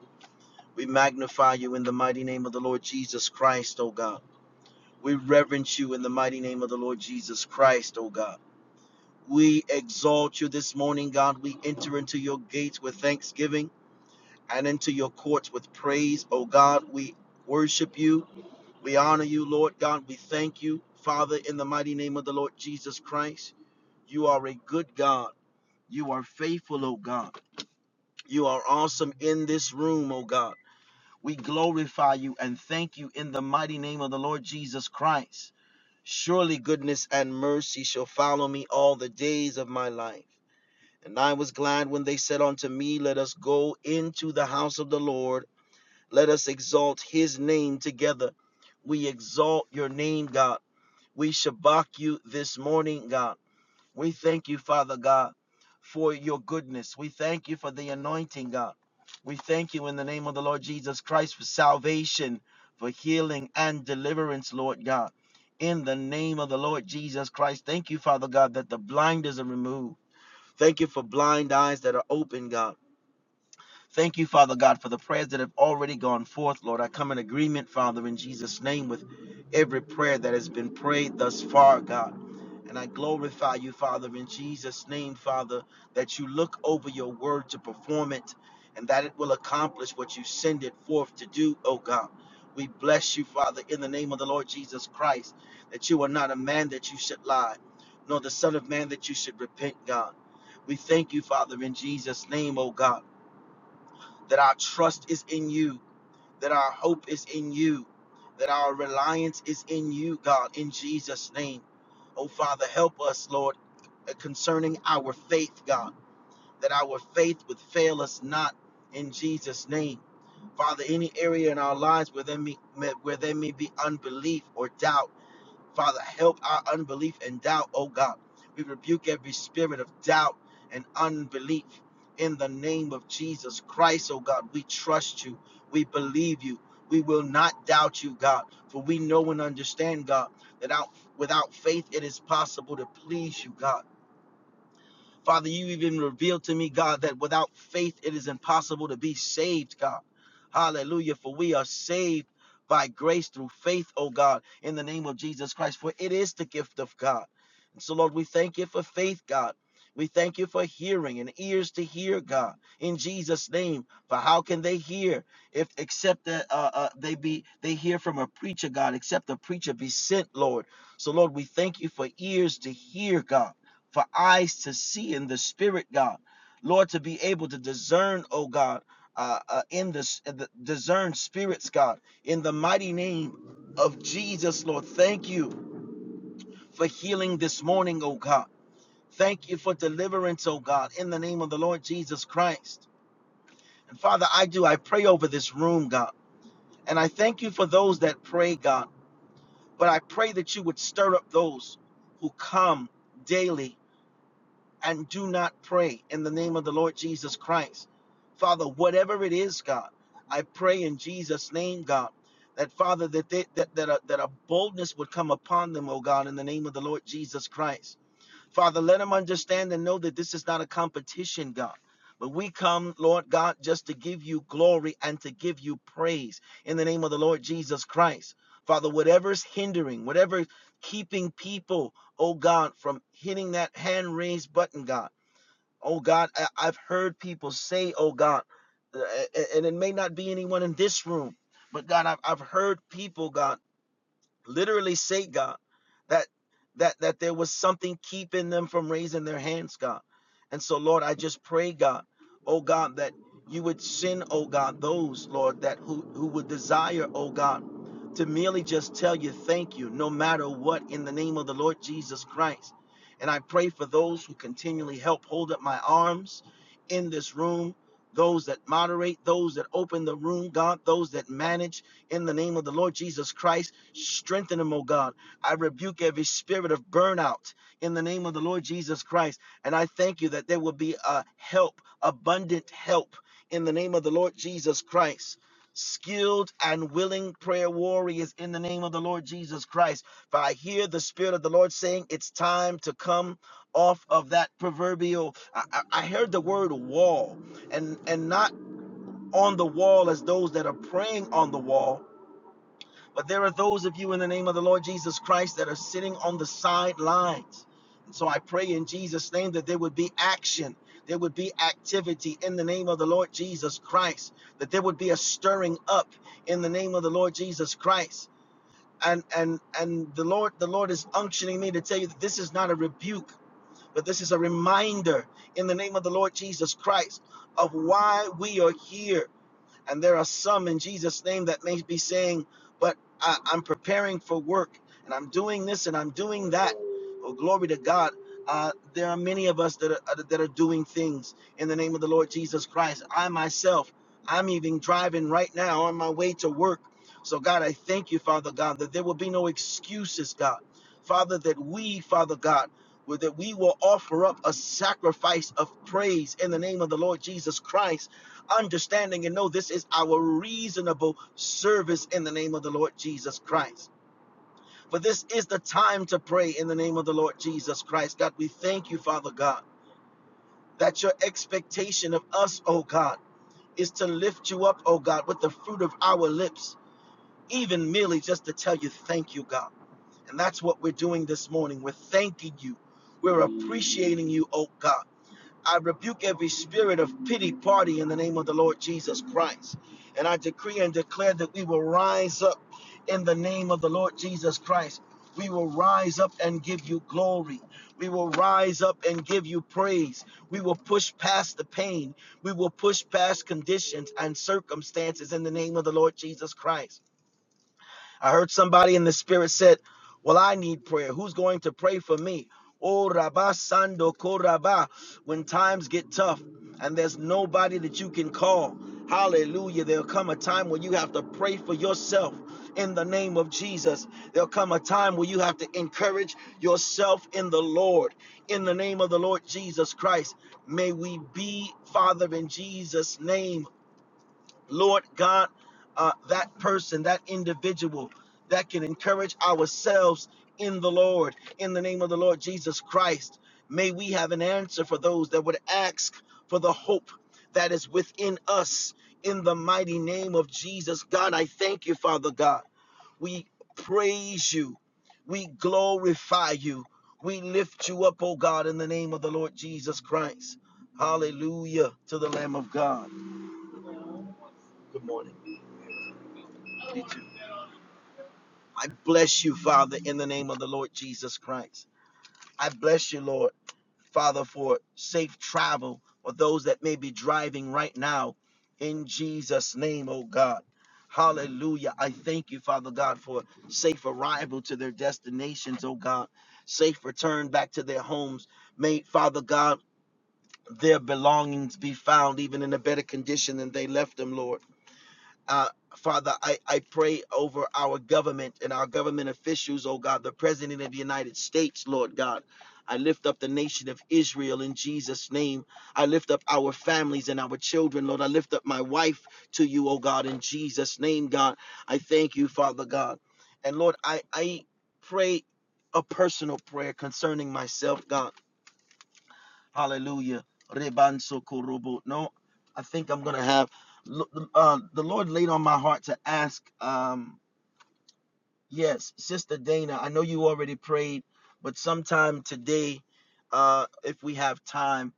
We magnify you in the mighty name of the Lord Jesus Christ, oh God. We reverence you in the mighty name of the Lord Jesus Christ, oh God. We exalt you this morning, God. We enter into your gates with thanksgiving and into your courts with praise, oh God. We worship you. We honor you, Lord God. We thank you, Father, in the mighty name of the Lord Jesus Christ. You are a good God. You are faithful, oh God. You are awesome in this room, oh God. We glorify you and thank you in the mighty name of the Lord Jesus Christ. Surely goodness and mercy shall follow me all the days of my life. And I was glad when they said unto me, Let us go into the house of the Lord. Let us exalt his name together. We exalt your name, God. We shabak you this morning, God. We thank you, Father God, for your goodness. We thank you for the anointing, God. We thank you in the name of the Lord Jesus Christ for salvation, for healing and deliverance, Lord God. In the name of the Lord Jesus Christ, thank you, Father God, that the blinders are removed. Thank you for blind eyes that are open, God. Thank you, Father God, for the prayers that have already gone forth, Lord. I come in agreement, Father, in Jesus' name, with every prayer that has been prayed thus far, God. And I glorify you, Father, in Jesus' name, Father, that you look over your word to perform it and that it will accomplish what you send it forth to do, oh God. We bless you, Father, in the name of the Lord Jesus Christ, that you are not a man that you should lie, nor the Son of Man that you should repent, God. We thank you, Father, in Jesus' name, oh God that our trust is in you, that our hope is in you, that our reliance is in you, God, in Jesus' name. Oh, Father, help us, Lord, uh, concerning our faith, God, that our faith would fail us not in Jesus' name. Father, any area in our lives where there may, where there may be unbelief or doubt. Father, help our unbelief and doubt, oh God. We rebuke every spirit of doubt and unbelief in the name of Jesus Christ, oh God. We trust you. We believe you. We will not doubt you, God, for we know and understand, God, that out, without faith it is possible to please you, God. Father, you even revealed to me, God, that without faith it is impossible to be saved, God. Hallelujah. For we are saved by grace through faith, oh God, in the name of Jesus Christ. For it is the gift of God. And so, Lord, we thank you for faith, God. We thank you for hearing and ears to hear, God, in Jesus' name. For how can they hear if except that uh, uh, they be they hear from a preacher, God, except the preacher be sent, Lord. So, Lord, we thank you for ears to hear, God for eyes to see in the spirit, God. Lord, to be able to discern, oh God, uh, uh, in this uh, the discern spirits, God, in the mighty name of Jesus, Lord. Thank you for healing this morning, oh God. Thank you for deliverance, oh God, in the name of the Lord Jesus Christ. And Father, I do, I pray over this room, God. And I thank you for those that pray, God. But I pray that you would stir up those who come daily and do not pray in the name of the Lord Jesus Christ. Father, whatever it is, God, I pray in Jesus' name, God, that Father, that they, that that a, that a boldness would come upon them, oh God, in the name of the Lord Jesus Christ. Father, let them understand and know that this is not a competition, God. But we come, Lord God, just to give you glory and to give you praise in the name of the Lord Jesus Christ. Father, whatever's hindering, whatever keeping people, oh God, from hitting that hand raised button, God. Oh God, I- I've heard people say, oh God, uh, and it may not be anyone in this room, but God, I've, I've heard people, God literally say, God, that that that there was something keeping them from raising their hands, God. And so, Lord, I just pray, God, oh God, that you would send, oh God, those, Lord, that who, who would desire, oh God, to merely just tell you thank you, no matter what, in the name of the Lord Jesus Christ. And I pray for those who continually help hold up my arms in this room, those that moderate, those that open the room, God, those that manage in the name of the Lord Jesus Christ. Strengthen them, oh God. I rebuke every spirit of burnout in the name of the Lord Jesus Christ. And I thank you that there will be a help, abundant help in the name of the Lord Jesus Christ. Skilled and willing prayer warriors in the name of the Lord Jesus Christ. For I hear the Spirit of the Lord saying, It's time to come off of that proverbial. I, I I heard the word wall, and, and not on the wall as those that are praying on the wall, but there are those of you in the name of the Lord Jesus Christ that are sitting on the sidelines. And so I pray in Jesus' name that there would be action, there would be activity in the name of the Lord Jesus Christ, that there would be a stirring up in the name of the Lord Jesus Christ. And and and the Lord, the Lord is unctioning me to tell you that this is not a rebuke, but this is a reminder in the name of the Lord Jesus Christ of why we are here and there are some in Jesus' name that may be saying, But I, I'm preparing for work and I'm doing this and I'm doing that. Oh, glory to God. Uh, there are many of us that are, uh, that are doing things in the name of the Lord Jesus Christ. I myself, I'm even driving right now on my way to work. So, God, I thank you, Father God, that there will be no excuses, God. Father, that we, Father God, will- that we will offer up a sacrifice of praise in the name of the Lord Jesus Christ understanding and know this is our reasonable service in the name of the Lord Jesus Christ. For this is the time to pray in the name of the Lord Jesus Christ. God, we thank you, Father God, that your expectation of us, oh God, is to lift you up, oh God, with the fruit of our lips, even merely just to tell you thank you, God. And that's what we're doing this morning. We're thanking you. We're appreciating you, oh God. I rebuke every spirit of pity party in the name of the Lord Jesus Christ. And I decree and declare that we will rise up in the name of the Lord Jesus Christ. We will rise up and give you glory. We will rise up and give you praise. We will push past the pain. We will push past conditions and circumstances in the name of the Lord Jesus Christ. I heard somebody in the spirit said, Well, I need prayer. Who's going to pray for me? Oh, Rabba Sando Koraba. When times get tough and there's nobody that you can call, hallelujah, there'll come a time when you have to pray for yourself in the name of Jesus. There'll come a time where you have to encourage yourself in the Lord, in the name of the Lord Jesus Christ. May we be, Father, in Jesus' name Lord God, uh, that person, that individual that can encourage ourselves in the Lord, in the name of the Lord Jesus Christ. May we have an answer for those that would ask for the hope that is within us in the mighty name of Jesus. God, I thank you, Father God. We praise you. We glorify you. We lift you up, oh God, in the name of the Lord Jesus Christ. Hallelujah to the Lamb of God. Good morning. I bless you, Father, in the name of the Lord Jesus Christ. I bless you, Lord, Father, for safe travel for those that may be driving right now in Jesus' name, oh God. Hallelujah. I thank you, Father God, for safe arrival to their destinations, oh God. Safe return back to their homes. May, Father God, their belongings be found even in a better condition than they left them, Lord. Uh, Father, I, I pray over our government and our government officials, oh God, the President of the United States, Lord God. I lift up the nation of Israel in Jesus' name. I lift up our families and our children, Lord. I lift up my wife to you, oh God, in Jesus' name, God. I thank you, Father God. And Lord, I, I pray a personal prayer concerning myself, God. Hallelujah. Rebanso kurubu. No, I think I'm gonna have. Uh, the Lord laid on my heart to ask. Um, yes, Sister Dana, I know you already prayed, but sometime today, uh, if we have time,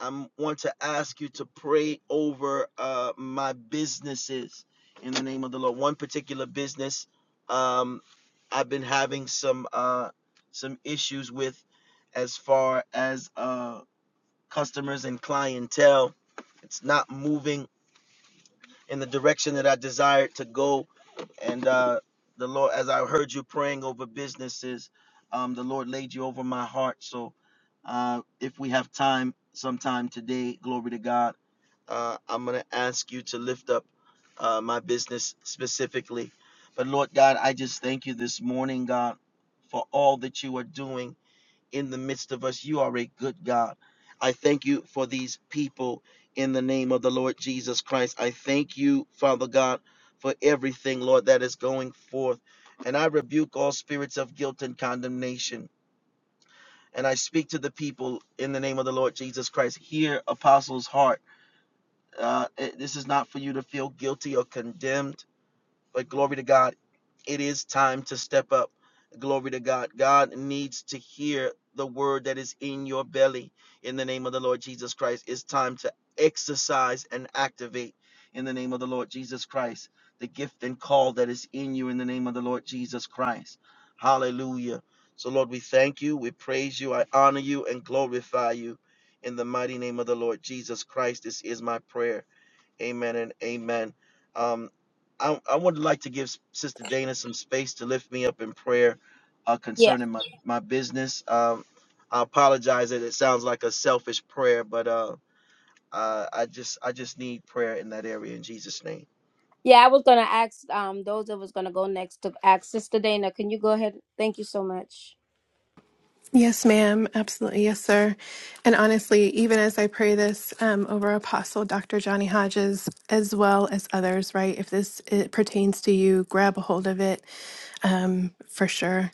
I want to ask you to pray over uh, my businesses in the name of the Lord. One particular business, um, I've been having some uh, some issues with, as far as. uh, customers and clientele. It's not moving in the direction that I desired to go. And uh, the Lord, as I heard you praying over businesses, um, the Lord laid you over my heart. So uh, if we have time sometime today, glory to God, uh, I'm going to ask you to lift up uh, my business specifically. But Lord God, I just thank you this morning, God, for all that you are doing in the midst of us. You are a good God. I thank you for these people in the name of the Lord Jesus Christ. I thank you, Father God, for everything, Lord, that is going forth. And I rebuke all spirits of guilt and condemnation. And I speak to the people in the name of the Lord Jesus Christ. Hear, apostles' heart. Uh, eh, this is not for you to feel guilty or condemned but glory to God, it is time to step up. Glory to God. God needs to hear the word that is in your belly in the name of the Lord Jesus Christ. It's time to exercise and activate in the name of the Lord Jesus Christ the gift and call that is in you in the name of the Lord Jesus Christ. Hallelujah. So, Lord, we thank you, we praise you, I honor you, and glorify you in the mighty name of the Lord Jesus Christ. This is my prayer Amen and amen. Um, I, I would like to give Sister Dana some space to lift me up in prayer uh,
Yeah.
concerning my, my business. Um, I apologize that it sounds like a selfish prayer, but uh, uh, I just I just need prayer in that area in Jesus' name.
Yeah, I was gonna ask um those that was gonna go next to ask Sister Dana. Can you go ahead? Thank you so much.
Yes, ma'am. Absolutely. Yes, sir. And honestly, even as I pray this um, over Apostle Dr. Johnny Hodges, as well as others, right? If this it pertains to you, grab a hold of it um, for sure.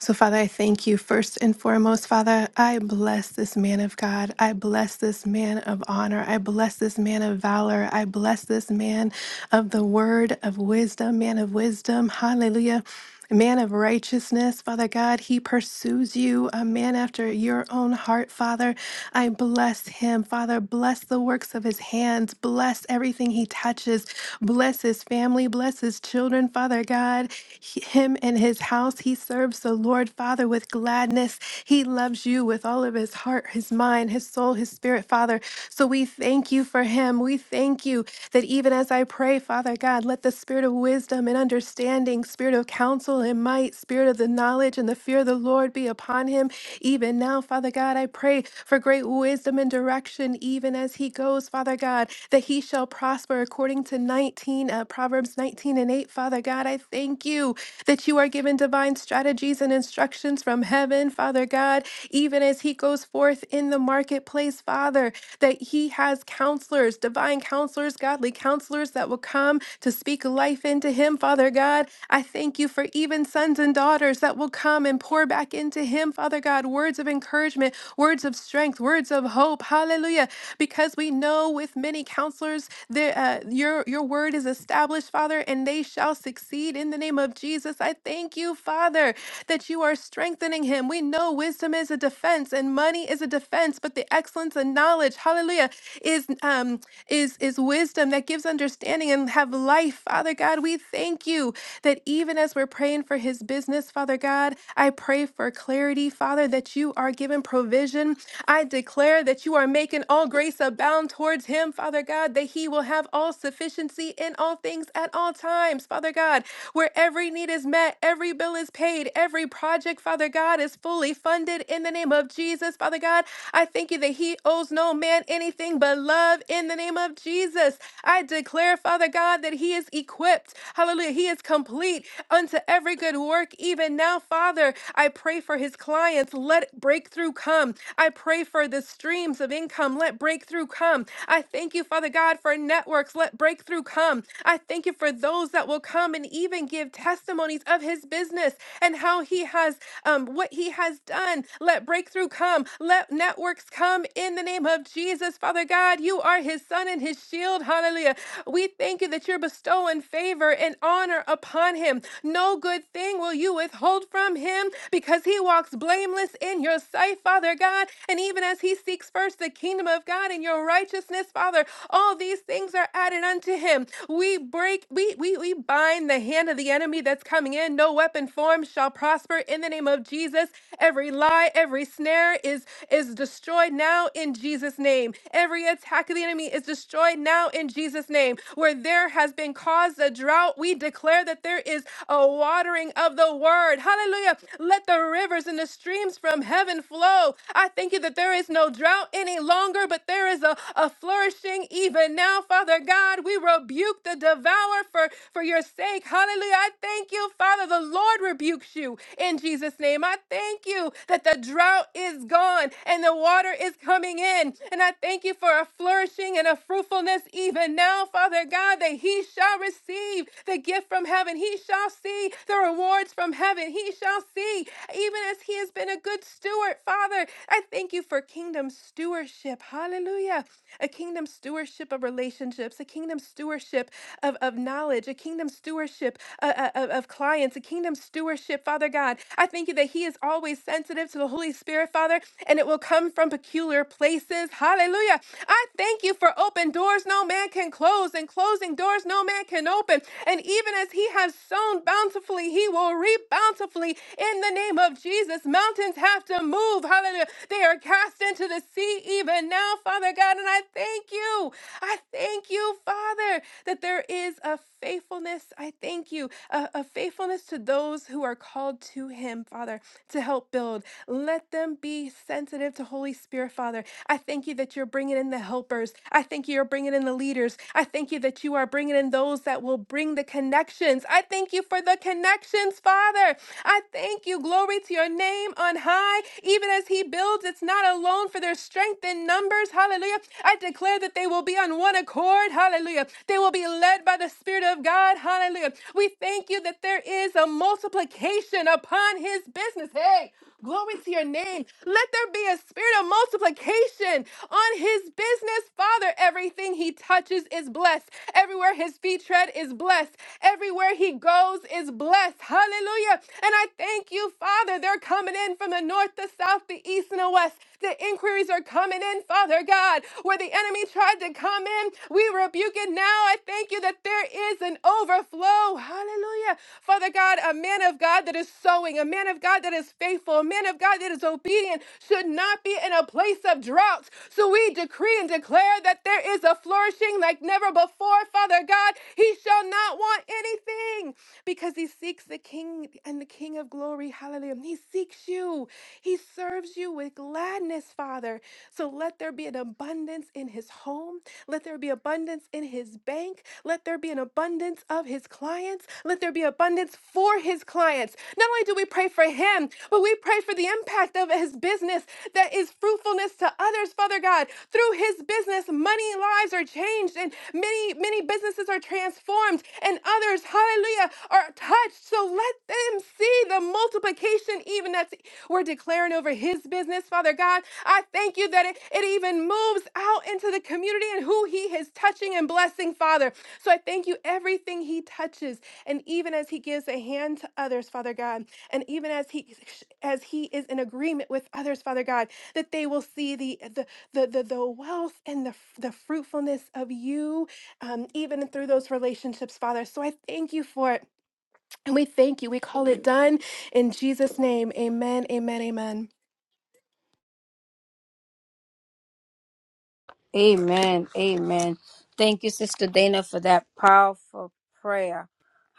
So, Father, I thank you first and foremost. Father, I bless this man of God. I bless this man of honor. I bless this man of valor. I bless this man of the word of wisdom, man of wisdom. Hallelujah. Man of righteousness, Father God, he pursues you, a man after your own heart, Father. I bless him, Father. Bless the works of his hands. Bless everything he touches. Bless his family. Bless his children, Father God. He- him and his house he serves serves the Lord Father with gladness. He loves you with all of his heart, his mind, his soul, his spirit, Father. So we thank you for him. We thank you that even as I pray, Father God, let the spirit of wisdom and understanding, spirit of counsel and might, spirit of the knowledge and the fear of the Lord be upon him. Even now, Father God, I pray for great wisdom and direction, even as he goes, Father God, that he shall prosper according to 19, uh, Proverbs 19 and 8. Father God, I thank you that you are given divine divine strategies and instructions from heaven, Father God, even as he goes forth in the marketplace, Father, that he has counselors, divine counselors, godly counselors that will come to speak life into him, Father God. I thank you for even sons and daughters that will come and pour back into him, Father God, words of encouragement, words of strength, words of hope. Hallelujah. Because we know with many counselors, there, uh, your, your word is established, Father, and they shall succeed in the name of Jesus. I thank you you, Father, that you are strengthening him. We know wisdom is a defense and money is a defense, but the excellence and knowledge, hallelujah, is um is is wisdom that gives understanding and have life. Father God, we thank you that even as we're praying for his business, Father God, I pray for clarity, Father, that you are giving provision. I declare that you are making all grace abound towards him, Father God, that he will have all sufficiency in all things at all times, Father God, where every need is met God. Every bill is paid. Every project, Father God, is fully funded in the name of Jesus. Father God, I thank you that He owes no man anything but love in the name of Jesus. I declare, Father God, that He is equipped. Hallelujah. He is complete unto every good work, even now, Father. I pray for His clients. Let breakthrough come. I pray for the streams of income. Let breakthrough come. I thank you, Father God, for networks. Let breakthrough come. I thank you for those that will come and even give testimony testimonies of his business and how he has um, what he has done. Let breakthrough come. Let networks come in the name of Jesus. Father God, you are his son and his shield. Hallelujah. We thank you that you're bestowing favor and honor upon him. No good thing will you withhold from him because he walks blameless in your sight, Father God. And even as he seeks first the kingdom of God and your righteousness, Father, all these things are added unto him. We break, we we, we bind the hand of the enemy enemy that's coming in. No weapon formed shall prosper in the name of Jesus. Every lie, every snare is is destroyed now in Jesus' name. Every attack of the enemy is destroyed now in Jesus' name. Where there has been caused a drought, we declare that there is a watering of the word. Hallelujah. Let the rivers and the streams from heaven flow. I thank you that there is no drought any longer, but there is a, a flourishing even now, Father God. We rebuke the devourer for, for your sake. Hallelujah. Hallelujah. I thank you, Father. The Lord rebukes you in Jesus' name. I thank you that the drought is gone and the water is coming in. And I thank you for a flourishing and a fruitfulness even now, Father God, that he shall receive the gift from heaven. He shall see the rewards from heaven. He shall see, even as he has been a good steward, Father. I thank you for kingdom stewardship. Hallelujah. A kingdom stewardship of relationships, a kingdom stewardship of, of knowledge, a kingdom stewardship stewardship uh, uh, of of clients, a kingdom stewardship, Father God. I thank you that He is always sensitive to the Holy Spirit, Father, and it will come from peculiar places. Hallelujah. I thank you for open doors no man can close, and closing doors no man can open. And even as He has sown bountifully, He will reap bountifully in the name of Jesus. Mountains have to move. Hallelujah. They are cast into the sea even now, Father God. And I thank you. I thank you, Father, that there is a faithfulness faithfulness, I thank you, a, a faithfulness to those who are called to Him, Father, to help build. Let them be sensitive to Holy Spirit, Father. I thank you that you're bringing in the helpers. I thank you you're bringing in the leaders. I thank you that you are bringing in those that will bring the connections. I thank you for the connections, Father. I thank you. Glory to your name on high. Even as He builds, it's not alone for their strength in numbers. Hallelujah. I declare that they will be on one accord. Hallelujah. They will be led by the Spirit of God of God. Hallelujah. We thank you that there is a multiplication upon his business. Hey, glory to your name. Let there be a spirit of multiplication on his business. Father, everything he touches is blessed. Everywhere his feet tread is blessed. Everywhere he goes is blessed. Hallelujah. And I thank you, Father. They're coming in from the north, the south, the east, and the west. The inquiries are coming in, Father God, where the enemy tried to come in. We rebuke it now. I thank you that there is an overflow. Hallelujah. Father God, a man of God that is sowing, a man of God that is faithful, a man of God that is obedient should not be in a place of drought. So we decree and declare that there is a flourishing like never before, Father God. He shall shall not want anything because he seeks the King and the King of glory. Hallelujah. He seeks you, he serves you with gladness, Father. So let there be an abundance in his home. Let there be abundance in his bank. Let there be an abundance of his clients. Let there be abundance for his clients. Not only do we pray for him, but we pray for the impact of his his business that is fruitfulness to others, Father God. Through his business, many lives are changed and many, many businesses are transformed and others, hallelujah, are touched. So let them see the multiplication even that's we're declaring over his business, Father God. I thank you that it, it even moves out into the community and who he is touching and blessing, Father. So I thank you everything he touches and even as he gives a hand to others, Father God and even as he as he is in agreement with others father god that they will see the the the the, the wealth and the f- the fruitfulness of you um, even through those relationships father so i thank you for it and we thank you we call it done in jesus name amen amen amen
Amen. Amen. Thank you, Sister Dana, for that powerful prayer.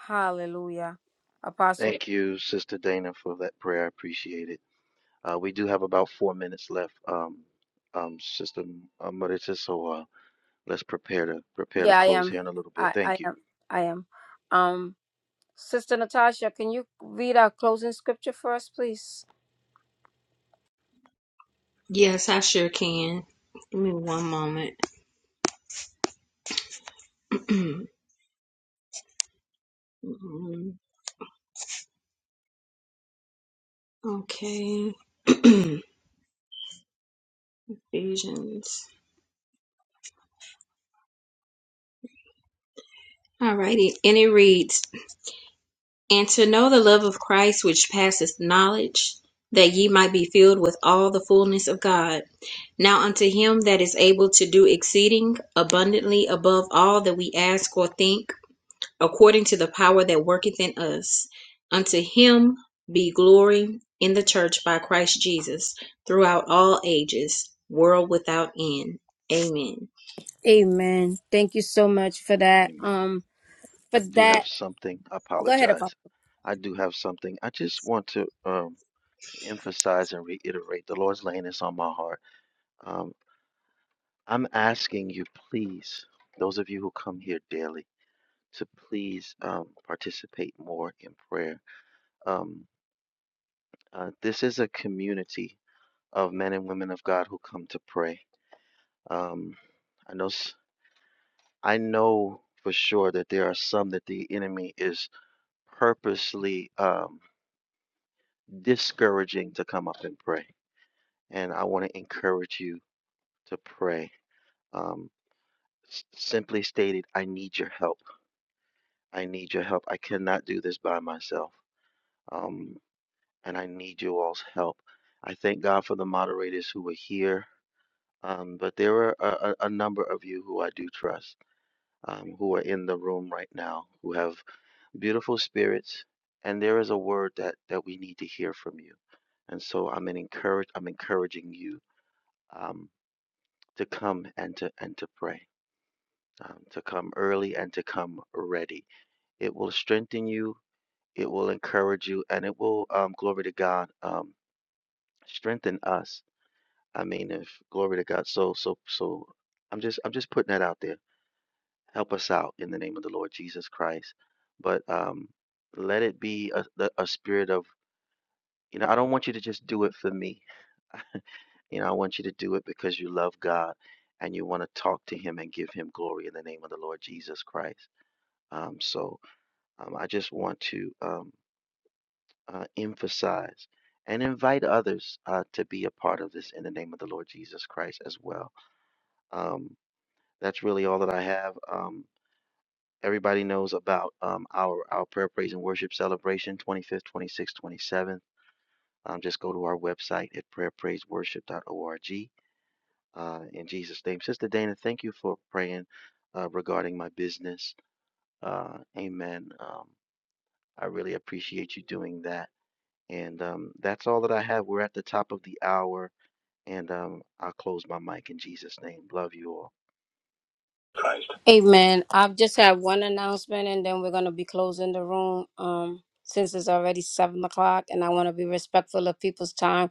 Hallelujah. Apostle.
Thank you, Sister Dana, for that prayer. I appreciate it. Uh, we do have about four minutes left, um, um, Sister uh, Marita, so uh, let's prepare to prepare to
Yeah, I
close
am.
here in a little bit.
I, I
Thank you.
am. I am. Um, Sister Natasha, can you read our closing scripture for us, please?
Yes, I sure can. Give me one moment. okay. Ephesians. Alrighty, and it reads, And to know the love of Christ which passeth knowledge, that ye might be filled with all the fullness of God. Now unto him that is able to do exceeding abundantly above all that we ask or think, according to the power that worketh in us, unto him be glory in the church by Christ Jesus throughout all ages, world without end. Amen.
Amen. Thank you so much for that.
Amen.
Um, for
I do have
that.
something. I
Go ahead, Apostle.
apologize. I do have something. I just want to um, emphasize and reiterate the Lord's laying this on my heart. Um, I'm asking you, please, those of you who come here daily, to please um, participate more in prayer. Um, uh, this is a community of men and women of God who come to pray. Um, I know. s- I know for sure that there are some that the enemy is purposely. um, discouraging to come up and pray. And I want to encourage you to pray. Um, s- simply stated, I need your help. I need your help. I cannot do this by myself. Um, and I need you all's help. I thank God for the moderators who were here. Um, but there are a, a a number of you who I do trust um, who are in the room right now who have beautiful spirits. And there is a word that, that we need to hear from you. And so I'm an encourage, I'm encouraging you. Um, to come and to and to pray um, to come early and to come ready it will strengthen you it will encourage you and it will um, glory to god um, strengthen us i mean if glory to god so so so i'm just i'm just putting that out there help us out in the name of the lord jesus christ but um let it be a, the- a spirit of you know i don't want you to just do it for me You know, I want you to do it because you love God and you want to talk to Him and give Him glory in the name of the Lord Jesus Christ. Um, so um, I just want to um, uh, emphasize and invite others uh, to be a part of this in the name of the Lord Jesus Christ as well. Um, that's really all that I have. Um, everybody knows about um, our our prayer, praise, and worship celebration, 25th, 26th, 27th. Um, just go to our website at prayerpraiseworship.org uh, in Jesus' name. Sister Dana, thank you for praying uh, regarding my business. Uh, amen. Um, I really appreciate you doing that. And um, that's all that I have. We're at the top of the hour, and um, I'll close my mic in Jesus' name. Love you all.
Christ. Amen. I've just had one announcement and then we're gonna be closing the room. Um, since it's already seven o'clock and I wanna be respectful of people's time.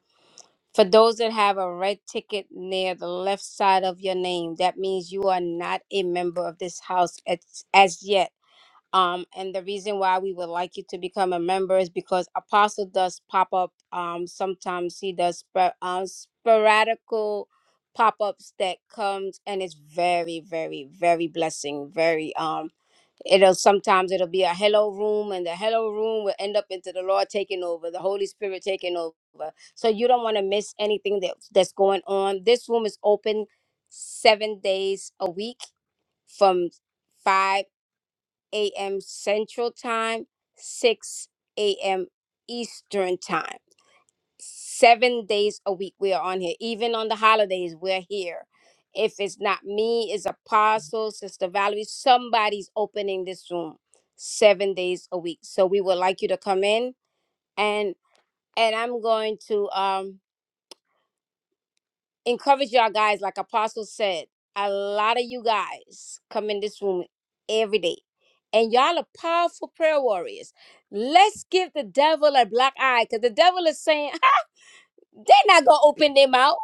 For those that have a red ticket near the left side of your name, that means you are not a member of this house as, as yet. Um, and the reason why we would like you to become a member is because Apostle does pop up. Um, sometimes he does spor- um, sporadical pop ups that comes and it's very, very, very blessing. Very. Um, it'll sometimes it'll be a hello room and the hello room will end up into the lord taking over the holy spirit taking over so you don't want to miss anything that that's going on this room is open seven days a week from 5 a.m central time 6 a.m eastern time seven days a week we are on here even on the holidays we're here if it's not me it's apostle sister valerie somebody's opening this room seven days a week so we would like you to come in and and i'm going to um encourage y'all guys like apostle said a lot of you guys come in this room every day and y'all are powerful prayer warriors let's give the devil a black eye because the devil is saying they're not gonna open their mouth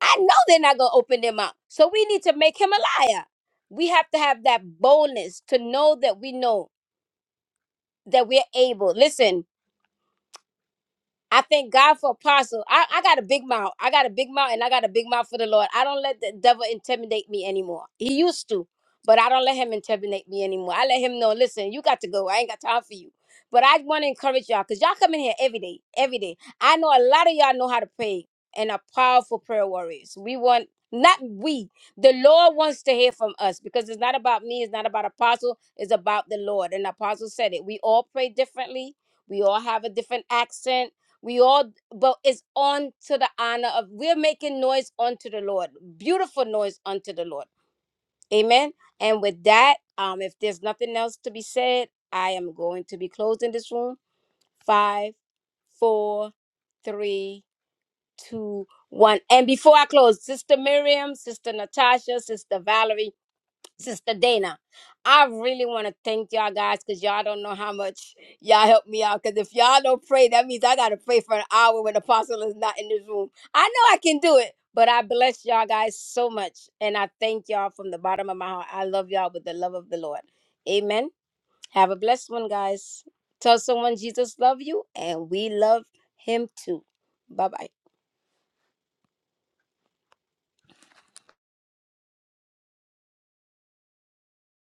I know they're not going to open them up. So we need to make him a liar. We have to have that boldness to know that we know that we're able. Listen, I thank God for apostle. I, I got a big mouth. I got a big mouth and I got a big mouth for the Lord. I don't let the devil intimidate me anymore. He used to, but I don't let him intimidate me anymore. I let him know, listen, you got to go. I ain't got time for you. But I want to encourage y'all because y'all come in here every day, every day. I know a lot of y'all know how to pray and are powerful prayer warriors. We want, not we, the Lord wants to hear from us because it's not about me. It's not about apostle. It's about the Lord. And apostle said it. We all pray differently. We all have a different accent we all, but it's on to the honor of, we're making noise unto the Lord, beautiful noise unto the Lord. Amen. And with that, um, if there's nothing else to be said, I am going to be closing this room. Five, four, three, two, one. And before I close, Sister Miriam, Sister Natasha, Sister Valerie, Sister Dana, I really want to thank y'all guys because y'all don't know how much y'all help me out. Because if y'all don't pray, that means I got to pray for an hour when Apostle is not in this room. I know I can do it, but I bless y'all guys so much. And I thank y'all from the bottom of my heart. I love y'all with the love of the Lord. Amen. Have a blessed one, guys. Tell someone Jesus love you and we love him too. Bye bye.